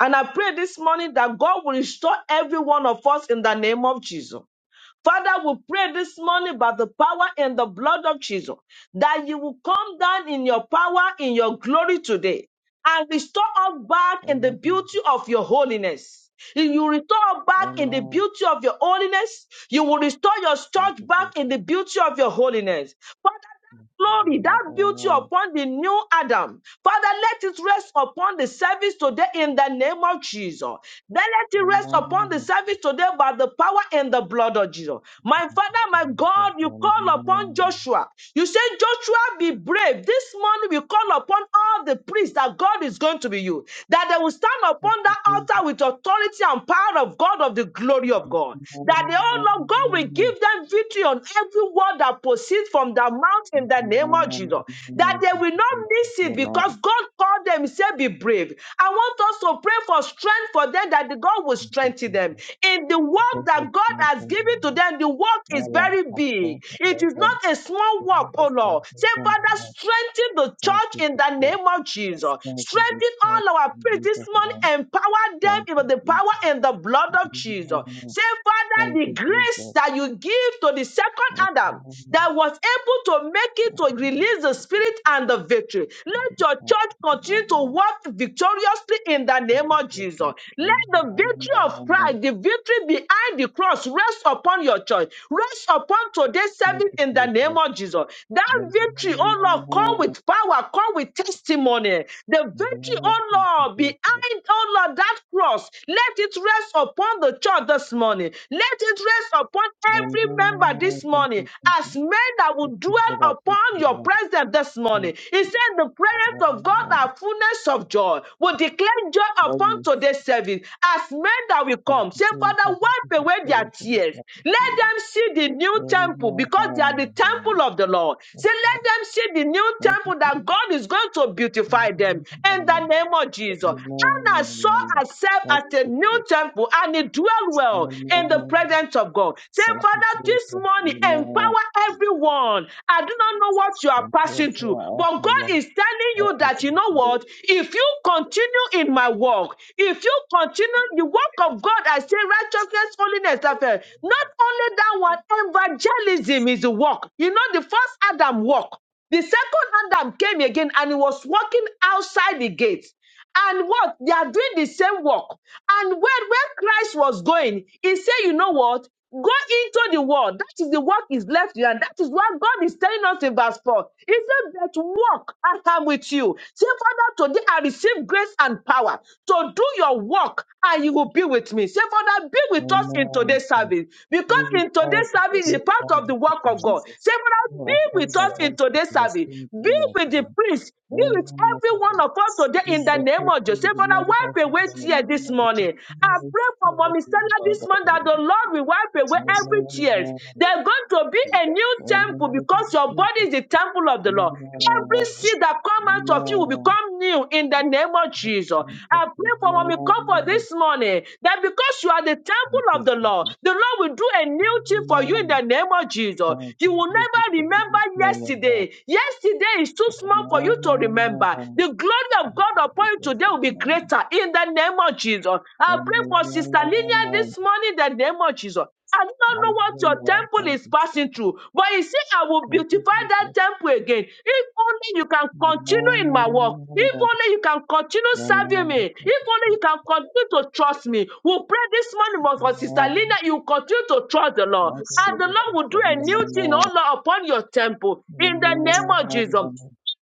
[SPEAKER 1] And I pray this morning that God will restore every one of us in the name of Jesus. Father, we pray this morning by the power and the blood of Jesus that you will come down in your power, in your glory today and restore us back in the
[SPEAKER 2] Amen.
[SPEAKER 1] beauty of your holiness. If you restore us back in the
[SPEAKER 2] Amen.
[SPEAKER 1] beauty of your holiness, you will restore your
[SPEAKER 2] Thank
[SPEAKER 1] church
[SPEAKER 2] you,
[SPEAKER 1] back
[SPEAKER 2] Jesus.
[SPEAKER 1] in the beauty of your holiness. Father, glory,
[SPEAKER 2] Thank
[SPEAKER 1] that
[SPEAKER 2] you,
[SPEAKER 1] beauty
[SPEAKER 2] Lord.
[SPEAKER 1] upon the new Adam. Father, let it rest upon the service today in the name of Jesus. Then let it
[SPEAKER 2] Amen.
[SPEAKER 1] rest upon the
[SPEAKER 2] Amen.
[SPEAKER 1] service today by the power and the blood of Jesus. My
[SPEAKER 2] Thank
[SPEAKER 1] Father,
[SPEAKER 2] you,
[SPEAKER 1] my
[SPEAKER 2] Jesus.
[SPEAKER 1] God, you call upon
[SPEAKER 2] Amen.
[SPEAKER 1] Joshua. You say, Joshua, be brave. This morning we call upon all the priests that God is going to be you, that they will stand
[SPEAKER 2] Thank you, Jesus. Amen. Amen.
[SPEAKER 1] upon
[SPEAKER 2] Thank you,
[SPEAKER 1] that
[SPEAKER 2] Jesus.
[SPEAKER 1] altar with authority and power of God, of the glory of God. That
[SPEAKER 2] Amen.
[SPEAKER 1] the oh Lord God will give them victory on every word that proceeds from their mouth in the name of Jesus. That they will not miss it because God called them, He said, Be brave. I want us to pray for strength for them that the God will
[SPEAKER 2] Thank
[SPEAKER 1] strengthen
[SPEAKER 2] you,
[SPEAKER 1] them.
[SPEAKER 2] Jesus.
[SPEAKER 1] In the work that
[SPEAKER 2] Jesus,
[SPEAKER 1] God
[SPEAKER 2] my
[SPEAKER 1] has
[SPEAKER 2] God,
[SPEAKER 1] given to
[SPEAKER 2] Lord.
[SPEAKER 1] them, the work
[SPEAKER 2] My
[SPEAKER 1] is
[SPEAKER 2] life
[SPEAKER 1] very
[SPEAKER 2] has been
[SPEAKER 1] big. It is
[SPEAKER 2] delivered.
[SPEAKER 1] not a
[SPEAKER 2] The
[SPEAKER 1] small work,
[SPEAKER 2] Lord
[SPEAKER 1] oh
[SPEAKER 2] is good.
[SPEAKER 1] Lord.
[SPEAKER 2] He
[SPEAKER 1] Say,
[SPEAKER 2] can
[SPEAKER 1] Father,
[SPEAKER 2] deliver.
[SPEAKER 1] strengthen the
[SPEAKER 2] Thank
[SPEAKER 1] church
[SPEAKER 2] you,
[SPEAKER 1] in the
[SPEAKER 2] Jesus.
[SPEAKER 1] name of Jesus. Jesus.
[SPEAKER 2] Thank you,
[SPEAKER 1] Strengthen
[SPEAKER 2] Jesus.
[SPEAKER 1] all our
[SPEAKER 2] In
[SPEAKER 1] priests this
[SPEAKER 2] Jesus' name.
[SPEAKER 1] morning. Empower
[SPEAKER 2] Thank
[SPEAKER 1] them with the power and the blood of Jesus.
[SPEAKER 2] you, Jesus.
[SPEAKER 1] Say, Father,
[SPEAKER 2] Thank
[SPEAKER 1] the
[SPEAKER 2] you,
[SPEAKER 1] grace
[SPEAKER 2] Jesus.
[SPEAKER 1] that you give to the second
[SPEAKER 2] Thank
[SPEAKER 1] Adam
[SPEAKER 2] you, Jesus.
[SPEAKER 1] that was able to make it to release the spirit and the victory. Let your church continue to
[SPEAKER 2] Amen.
[SPEAKER 1] walk victoriously in the
[SPEAKER 2] Thank
[SPEAKER 1] name
[SPEAKER 2] you, Jesus. Amen. Yeah, Thank you,
[SPEAKER 1] of Jesus.
[SPEAKER 2] Jesus.
[SPEAKER 1] Let the victory of
[SPEAKER 2] Amen.
[SPEAKER 1] Christ, the victory behind the cross, rest upon your church. Rest upon today's
[SPEAKER 2] Thank
[SPEAKER 1] service
[SPEAKER 2] you,
[SPEAKER 1] in the name of Jesus. That victory, oh Lord, come with power, come with testimony testimony. The victory, oh Lord, behind, oh Lord, that cross, let it rest upon the church this morning. Let it rest upon every member this morning
[SPEAKER 2] Jesus.
[SPEAKER 1] as men that
[SPEAKER 2] Thank
[SPEAKER 1] will
[SPEAKER 2] you
[SPEAKER 1] dwell
[SPEAKER 2] for that
[SPEAKER 1] upon
[SPEAKER 2] victory,
[SPEAKER 1] your
[SPEAKER 2] Lord.
[SPEAKER 1] presence this
[SPEAKER 2] Thank
[SPEAKER 1] morning. He said, The
[SPEAKER 2] you, Lord.
[SPEAKER 1] prayers of God
[SPEAKER 2] Amen.
[SPEAKER 1] are fullness of joy. We declare joy
[SPEAKER 2] Oh,
[SPEAKER 1] upon
[SPEAKER 2] yes.
[SPEAKER 1] today's service as men that will
[SPEAKER 2] Thank
[SPEAKER 1] come.
[SPEAKER 2] you,
[SPEAKER 1] Say,
[SPEAKER 2] Jesus.
[SPEAKER 1] Father,
[SPEAKER 2] Thank you
[SPEAKER 1] wipe
[SPEAKER 2] for
[SPEAKER 1] away their
[SPEAKER 2] praying for this
[SPEAKER 1] tears. Let
[SPEAKER 2] atmosphere.
[SPEAKER 1] them see the new temple because they are the
[SPEAKER 2] Amen.
[SPEAKER 1] temple of the Lord. Say, Let them see the new
[SPEAKER 2] Thank you,
[SPEAKER 1] temple
[SPEAKER 2] Jesus.
[SPEAKER 1] that God is going to beautify them in
[SPEAKER 2] Amen.
[SPEAKER 1] the name of Jesus. Anna saw
[SPEAKER 2] Amen.
[SPEAKER 1] herself
[SPEAKER 2] Thank
[SPEAKER 1] as
[SPEAKER 3] Father, we
[SPEAKER 1] a
[SPEAKER 2] you,
[SPEAKER 3] pray
[SPEAKER 1] new
[SPEAKER 2] Jesus.
[SPEAKER 3] that
[SPEAKER 1] temple and it dwelt well in the
[SPEAKER 2] Amen.
[SPEAKER 1] presence of God. Say,
[SPEAKER 2] Thank you,
[SPEAKER 1] Father, this
[SPEAKER 2] Jesus.
[SPEAKER 1] morning,
[SPEAKER 2] Amen.
[SPEAKER 1] empower everyone. I do not
[SPEAKER 3] you
[SPEAKER 1] know what you are
[SPEAKER 2] Thank you
[SPEAKER 1] passing through,
[SPEAKER 2] for us, O
[SPEAKER 1] but God
[SPEAKER 2] Lord.
[SPEAKER 1] is telling
[SPEAKER 2] Thank
[SPEAKER 1] you
[SPEAKER 2] you,
[SPEAKER 1] that, you know
[SPEAKER 2] Jesus.
[SPEAKER 1] what? If you
[SPEAKER 3] pray
[SPEAKER 1] continue in
[SPEAKER 3] that
[SPEAKER 1] my work, if you continue the work of God, I say righteousness, holiness, affair. Not only that
[SPEAKER 3] you
[SPEAKER 1] one, evangelism is a work. You know, the first Adam walk. The second Adam came again and he was walking outside the gate. And what? They are doing the same work. And when, when Christ was going, he said, you know what? Go into the world. That is the work is left you. And that is what God is telling us in verse 4. He said that work I am with you. Say, Father, today I receive grace and power to do your work and you will be with me me. Say, Father, be with us in
[SPEAKER 2] Amen.
[SPEAKER 1] today's
[SPEAKER 2] Thank
[SPEAKER 1] service. Because
[SPEAKER 2] you
[SPEAKER 1] in
[SPEAKER 3] be
[SPEAKER 2] with
[SPEAKER 1] today's
[SPEAKER 2] us
[SPEAKER 3] with
[SPEAKER 1] service
[SPEAKER 3] us,
[SPEAKER 2] this
[SPEAKER 3] O
[SPEAKER 1] is
[SPEAKER 3] Lord.
[SPEAKER 1] part of
[SPEAKER 2] Friday,
[SPEAKER 1] the
[SPEAKER 2] O
[SPEAKER 1] work
[SPEAKER 3] Lord
[SPEAKER 1] of
[SPEAKER 2] Lord.
[SPEAKER 1] God.
[SPEAKER 3] Jesus,
[SPEAKER 1] Say, Father,
[SPEAKER 2] You
[SPEAKER 3] let
[SPEAKER 1] be
[SPEAKER 2] are heard
[SPEAKER 3] today's
[SPEAKER 1] with
[SPEAKER 2] the
[SPEAKER 1] us in
[SPEAKER 2] voice
[SPEAKER 3] service
[SPEAKER 2] of
[SPEAKER 1] today's
[SPEAKER 2] your
[SPEAKER 1] service.
[SPEAKER 3] Make
[SPEAKER 2] spirit, O
[SPEAKER 3] you
[SPEAKER 1] Be
[SPEAKER 2] Lord.
[SPEAKER 1] with
[SPEAKER 2] O
[SPEAKER 1] the priest. Be
[SPEAKER 2] Lord.
[SPEAKER 1] with
[SPEAKER 2] Amen.
[SPEAKER 1] every
[SPEAKER 2] Thank
[SPEAKER 1] one
[SPEAKER 2] you.
[SPEAKER 1] of us today
[SPEAKER 2] You
[SPEAKER 1] in the
[SPEAKER 3] special
[SPEAKER 2] will
[SPEAKER 1] name
[SPEAKER 2] take
[SPEAKER 1] of
[SPEAKER 2] you
[SPEAKER 1] Jesus. Say,
[SPEAKER 2] with the
[SPEAKER 3] in
[SPEAKER 1] Father,
[SPEAKER 3] the
[SPEAKER 2] members
[SPEAKER 1] wipe
[SPEAKER 2] of
[SPEAKER 1] away
[SPEAKER 2] the
[SPEAKER 3] mighty
[SPEAKER 2] Lord.
[SPEAKER 1] tears
[SPEAKER 3] name
[SPEAKER 1] this
[SPEAKER 3] of
[SPEAKER 2] Let us
[SPEAKER 1] morning. I
[SPEAKER 2] hear
[SPEAKER 3] Jesus.
[SPEAKER 2] the
[SPEAKER 1] pray for
[SPEAKER 3] We
[SPEAKER 2] spirit of
[SPEAKER 1] Mommy
[SPEAKER 3] pray,
[SPEAKER 1] Stella
[SPEAKER 2] the Lord.
[SPEAKER 1] this
[SPEAKER 3] Father, that
[SPEAKER 1] morning
[SPEAKER 3] you
[SPEAKER 1] that the
[SPEAKER 2] Amen.
[SPEAKER 3] might
[SPEAKER 1] Lord
[SPEAKER 3] be
[SPEAKER 1] will
[SPEAKER 3] with
[SPEAKER 1] wipe away
[SPEAKER 3] tears of
[SPEAKER 1] every
[SPEAKER 3] your
[SPEAKER 1] tears.
[SPEAKER 3] prayer
[SPEAKER 1] There's going to be
[SPEAKER 3] in
[SPEAKER 1] a
[SPEAKER 3] the
[SPEAKER 1] new
[SPEAKER 3] name
[SPEAKER 1] temple
[SPEAKER 2] Amen. Thank
[SPEAKER 1] because
[SPEAKER 2] you,
[SPEAKER 1] your body
[SPEAKER 2] Jesus.
[SPEAKER 1] is the temple of the Lord. Lord.
[SPEAKER 3] of the Holy
[SPEAKER 1] Every
[SPEAKER 2] Amen.
[SPEAKER 3] Ghost.
[SPEAKER 1] seed that come
[SPEAKER 3] You
[SPEAKER 1] out of you
[SPEAKER 3] touch
[SPEAKER 1] will
[SPEAKER 3] me with
[SPEAKER 2] Amen.
[SPEAKER 1] become new in the name of Jesus.
[SPEAKER 2] This
[SPEAKER 1] I
[SPEAKER 2] is
[SPEAKER 1] pray for
[SPEAKER 2] my
[SPEAKER 1] when we come for this morning that because you are the temple
[SPEAKER 2] this
[SPEAKER 1] of
[SPEAKER 2] is
[SPEAKER 1] the Lord, the Lord will do a new thing for you in
[SPEAKER 2] my
[SPEAKER 1] the name of Jesus.
[SPEAKER 2] thank
[SPEAKER 1] You
[SPEAKER 2] you
[SPEAKER 1] will
[SPEAKER 2] Jesus
[SPEAKER 1] never
[SPEAKER 2] for
[SPEAKER 1] remember
[SPEAKER 2] being here Lord.
[SPEAKER 1] yesterday. Yesterday is too small for you to remember.
[SPEAKER 2] Amen.
[SPEAKER 1] The glory of
[SPEAKER 2] Thank
[SPEAKER 1] God upon
[SPEAKER 2] you
[SPEAKER 1] you
[SPEAKER 2] Jesus.
[SPEAKER 1] today will be
[SPEAKER 2] Amen.
[SPEAKER 1] greater in the name of Jesus. I pray for Sister Linia
[SPEAKER 2] Amen.
[SPEAKER 1] this morning in the name of Jesus. I do not know what your
[SPEAKER 2] Hallelujah.
[SPEAKER 1] temple
[SPEAKER 2] Thank
[SPEAKER 1] is
[SPEAKER 2] you. Jesus.
[SPEAKER 1] passing through, but you see, I will
[SPEAKER 2] Thank you
[SPEAKER 1] beautify that
[SPEAKER 2] Jesus.
[SPEAKER 1] temple again. If only you can continue in my work,
[SPEAKER 2] Amen.
[SPEAKER 1] if only you can continue serving me,
[SPEAKER 2] Amen. Thank
[SPEAKER 1] if
[SPEAKER 2] you
[SPEAKER 1] only
[SPEAKER 2] Jesus.
[SPEAKER 1] you can continue to trust me. We pray this morning for for Sister Linda,
[SPEAKER 2] Amen.
[SPEAKER 1] you continue to trust the Lord,
[SPEAKER 3] the
[SPEAKER 2] Thank you
[SPEAKER 1] and
[SPEAKER 3] soul
[SPEAKER 1] the
[SPEAKER 2] Jesus.
[SPEAKER 1] Lord
[SPEAKER 3] cannot
[SPEAKER 1] will do a
[SPEAKER 2] Amen.
[SPEAKER 1] new
[SPEAKER 3] process.
[SPEAKER 1] thing,
[SPEAKER 2] Amen.
[SPEAKER 1] oh Lord, upon your temple in the name of Jesus.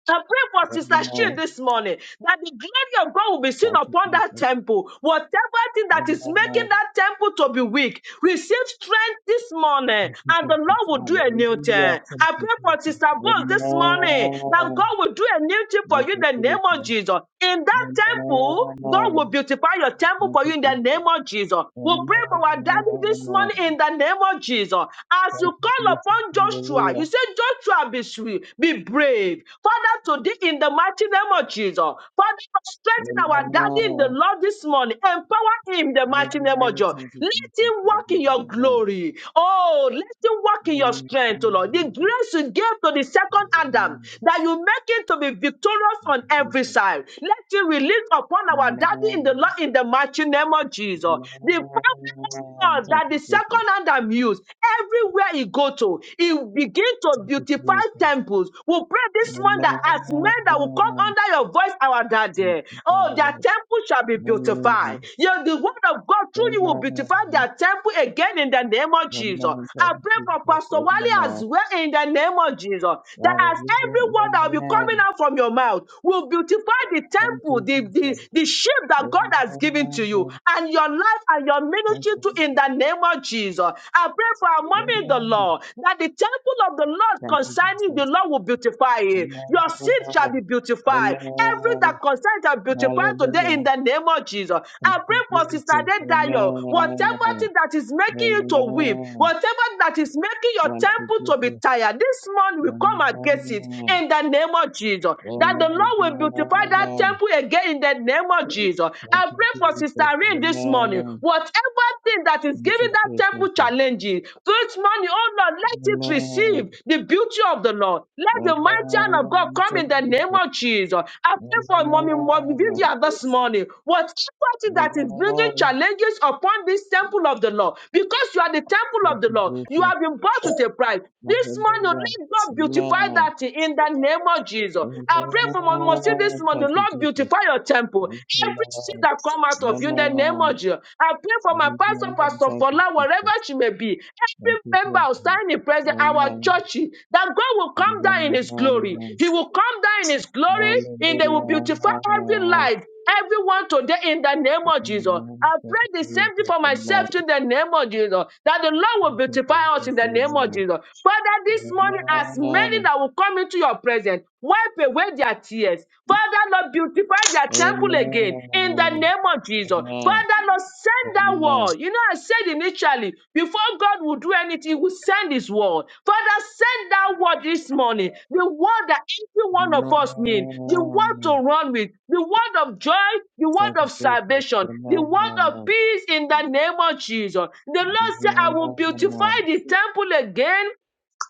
[SPEAKER 1] I pray for Sister She
[SPEAKER 2] Amen.
[SPEAKER 1] this morning that the glory of God will be seen
[SPEAKER 2] Thank you
[SPEAKER 1] upon that
[SPEAKER 2] Jesus.
[SPEAKER 1] temple. Whatever thing that is
[SPEAKER 2] Amen.
[SPEAKER 1] making that temple to be weak, receive strength this morning,
[SPEAKER 2] Thank you,
[SPEAKER 1] and the
[SPEAKER 2] Jesus.
[SPEAKER 1] Lord will do a new
[SPEAKER 2] Hallelujah.
[SPEAKER 1] thing.
[SPEAKER 2] Thank
[SPEAKER 1] I
[SPEAKER 2] you,
[SPEAKER 1] pray
[SPEAKER 2] Jesus.
[SPEAKER 1] for Sister Boss this morning that
[SPEAKER 2] Amen.
[SPEAKER 1] God will do a new thing for you
[SPEAKER 2] Thank
[SPEAKER 1] in
[SPEAKER 2] you,
[SPEAKER 1] the name of
[SPEAKER 2] Jesus.
[SPEAKER 1] Jesus. In that temple, God will
[SPEAKER 2] Amen.
[SPEAKER 1] beautify your temple
[SPEAKER 2] Thank
[SPEAKER 1] for
[SPEAKER 2] you,
[SPEAKER 1] you in the
[SPEAKER 2] Jesus.
[SPEAKER 1] name of Jesus. We pray for our daddy this
[SPEAKER 2] Amen.
[SPEAKER 1] morning in the name of Jesus. As
[SPEAKER 2] Thank
[SPEAKER 1] you
[SPEAKER 2] you,
[SPEAKER 1] call
[SPEAKER 2] Jesus.
[SPEAKER 1] upon Joshua,
[SPEAKER 2] Hallelujah.
[SPEAKER 1] you say, Joshua, be sweet, be brave. Father, today in the mighty name of Jesus, Father, strengthen our daddy in the
[SPEAKER 2] Amen.
[SPEAKER 1] Lord this morning. Empower him in the mighty name of
[SPEAKER 2] Amen.
[SPEAKER 1] Jesus.
[SPEAKER 2] Thank you,
[SPEAKER 1] Let
[SPEAKER 2] Jesus.
[SPEAKER 1] him walk in your
[SPEAKER 2] Amen.
[SPEAKER 1] glory. Oh, let him walk in your strength, oh Lord. The
[SPEAKER 2] Amen.
[SPEAKER 3] You
[SPEAKER 1] grace you gave to the second Adam,
[SPEAKER 2] Amen.
[SPEAKER 1] that you make him to be victorious on every
[SPEAKER 2] Jesus.
[SPEAKER 1] side. Let it release upon our daddy in the
[SPEAKER 2] Amen.
[SPEAKER 1] Lord in the mighty name of Jesus. The power
[SPEAKER 2] Amen.
[SPEAKER 1] of
[SPEAKER 2] Thank
[SPEAKER 1] that the
[SPEAKER 2] you,
[SPEAKER 1] second
[SPEAKER 2] Jesus.
[SPEAKER 1] hand I'm used, everywhere he go to, he will begin to
[SPEAKER 2] Thank you,
[SPEAKER 1] beautify
[SPEAKER 2] Jesus.
[SPEAKER 1] temples. We pray this month that as men that will come
[SPEAKER 2] Amen.
[SPEAKER 1] under your voice, our
[SPEAKER 2] Thank
[SPEAKER 1] daddy,
[SPEAKER 2] you,
[SPEAKER 1] oh, their
[SPEAKER 2] Lord.
[SPEAKER 1] temple shall be
[SPEAKER 2] Amen.
[SPEAKER 1] beautified. Yeah, the word of God through you will
[SPEAKER 2] Amen.
[SPEAKER 1] beautify their temple again in the name of Jesus.
[SPEAKER 2] Amen.
[SPEAKER 1] I
[SPEAKER 2] Thank
[SPEAKER 1] pray
[SPEAKER 2] you,
[SPEAKER 1] for
[SPEAKER 2] Jesus.
[SPEAKER 1] Pastor Wally
[SPEAKER 2] Amen.
[SPEAKER 1] as well in the name of Jesus. That as
[SPEAKER 2] Hallelujah.
[SPEAKER 1] every word that will be
[SPEAKER 3] know
[SPEAKER 1] coming
[SPEAKER 2] Amen.
[SPEAKER 1] out from your mouth will beautify
[SPEAKER 3] the
[SPEAKER 1] the
[SPEAKER 3] Lord.
[SPEAKER 2] Thank
[SPEAKER 1] temple,
[SPEAKER 2] you,
[SPEAKER 1] the,
[SPEAKER 2] Jesus.
[SPEAKER 1] the, the shape that God has given to you,
[SPEAKER 2] Amen.
[SPEAKER 1] and your life and your
[SPEAKER 2] Thank
[SPEAKER 1] ministry
[SPEAKER 2] you,
[SPEAKER 1] to
[SPEAKER 3] Amen.
[SPEAKER 2] Jesus.
[SPEAKER 1] in the name of Jesus. I pray for our mommy in the
[SPEAKER 2] Amen.
[SPEAKER 1] Lord that the temple of the Lord
[SPEAKER 2] Thank you,
[SPEAKER 1] concerning the
[SPEAKER 2] Jesus.
[SPEAKER 1] Lord will beautify it.
[SPEAKER 2] Amen.
[SPEAKER 1] Your seed shall be beautified. Every
[SPEAKER 2] Amen.
[SPEAKER 1] that concerns shall be
[SPEAKER 3] the
[SPEAKER 1] beautified today
[SPEAKER 2] Hallelujah.
[SPEAKER 1] in the name of Jesus. I
[SPEAKER 2] Thank
[SPEAKER 1] pray
[SPEAKER 2] you,
[SPEAKER 1] for Sister
[SPEAKER 3] Lord.
[SPEAKER 2] Jesus.
[SPEAKER 1] Dayo. Whatever
[SPEAKER 2] Amen.
[SPEAKER 1] thing that is making you to weep,
[SPEAKER 2] Amen.
[SPEAKER 1] whatever that is making your
[SPEAKER 2] Thank you,
[SPEAKER 1] temple to be
[SPEAKER 2] Jesus.
[SPEAKER 1] tired, this month we come
[SPEAKER 2] Amen.
[SPEAKER 1] against it in in the name of Jesus. That
[SPEAKER 2] Amen.
[SPEAKER 1] the Lord will beautify that temple again in the name of Jesus.
[SPEAKER 2] Thank
[SPEAKER 1] I
[SPEAKER 2] you,
[SPEAKER 1] pray for Sister
[SPEAKER 2] Jesus.
[SPEAKER 1] Rain this morning.
[SPEAKER 2] Amen.
[SPEAKER 1] Whatever thing that is
[SPEAKER 2] Thank you,
[SPEAKER 1] giving that
[SPEAKER 2] Jesus.
[SPEAKER 1] temple challenges, this morning, oh Lord, let it
[SPEAKER 2] Amen.
[SPEAKER 1] receive the beauty of the Lord. Let the mighty
[SPEAKER 2] Amen.
[SPEAKER 1] hand of God
[SPEAKER 2] I'm
[SPEAKER 3] the
[SPEAKER 1] come
[SPEAKER 2] so
[SPEAKER 1] in the
[SPEAKER 3] Lord,
[SPEAKER 1] name
[SPEAKER 2] thankful.
[SPEAKER 1] of Jesus. I pray for Mommy Mommy
[SPEAKER 2] Amen.
[SPEAKER 1] Vivian this morning. Whatever thing that is bringing
[SPEAKER 2] Amen.
[SPEAKER 1] challenges upon this temple of the Lord, because you are the temple
[SPEAKER 2] Thank
[SPEAKER 1] of the
[SPEAKER 2] you,
[SPEAKER 1] Lord, you
[SPEAKER 2] Jesus.
[SPEAKER 1] have been bought with a price. This morning,
[SPEAKER 2] Hallelujah.
[SPEAKER 1] let God beautify
[SPEAKER 2] Amen.
[SPEAKER 1] that thing in the name of Jesus. I pray for my mercy this
[SPEAKER 2] Amen.
[SPEAKER 1] morning.
[SPEAKER 2] Thank you,
[SPEAKER 1] Lord,
[SPEAKER 2] Jesus.
[SPEAKER 1] beautify your temple.
[SPEAKER 2] Thank you,
[SPEAKER 1] Every
[SPEAKER 2] Lord.
[SPEAKER 1] seed that come out of you in the name of
[SPEAKER 2] Amen.
[SPEAKER 1] Jesus. I pray for my pastor,
[SPEAKER 2] Amen.
[SPEAKER 1] Pastor
[SPEAKER 2] Thank you,
[SPEAKER 1] Fola, wherever
[SPEAKER 2] Jesus.
[SPEAKER 1] she may be.
[SPEAKER 2] Thank you,
[SPEAKER 1] Every member of
[SPEAKER 2] Jesus.
[SPEAKER 1] standing present, our
[SPEAKER 2] Amen.
[SPEAKER 1] church, that God will come down in his glory.
[SPEAKER 2] Amen.
[SPEAKER 1] He will come down in his glory and they will
[SPEAKER 2] Hallelujah.
[SPEAKER 1] beautify every life. Everyone today in the name of Jesus.
[SPEAKER 2] Amen.
[SPEAKER 1] I
[SPEAKER 2] Thank
[SPEAKER 1] pray the
[SPEAKER 2] you,
[SPEAKER 1] same thing
[SPEAKER 2] Jesus.
[SPEAKER 1] for
[SPEAKER 2] Amen.
[SPEAKER 1] myself in the name of Jesus. That the Lord
[SPEAKER 2] Thank
[SPEAKER 1] will
[SPEAKER 2] you,
[SPEAKER 1] beautify us in
[SPEAKER 2] Jesus.
[SPEAKER 1] the name
[SPEAKER 2] Amen.
[SPEAKER 1] of Jesus. Father, this morning, as many
[SPEAKER 2] Amen.
[SPEAKER 1] that will come into your presence, wipe away their tears. Father, Lord, beautify their temple again in the
[SPEAKER 2] Amen.
[SPEAKER 1] name of Jesus.
[SPEAKER 2] Amen.
[SPEAKER 1] Father, Lord, send that
[SPEAKER 2] Amen.
[SPEAKER 1] word. You know, I said initially, before God will do anything, He will send His word. Father, send that word this morning. The word that every one of us need. The word
[SPEAKER 2] Amen.
[SPEAKER 1] to run with. The word of joy. The
[SPEAKER 2] Thank
[SPEAKER 1] word
[SPEAKER 2] you,
[SPEAKER 1] of
[SPEAKER 2] Jesus.
[SPEAKER 1] salvation. The word of
[SPEAKER 2] Amen.
[SPEAKER 1] peace in the name of Jesus. The Lord said, I will beautify
[SPEAKER 2] Amen.
[SPEAKER 1] the temple again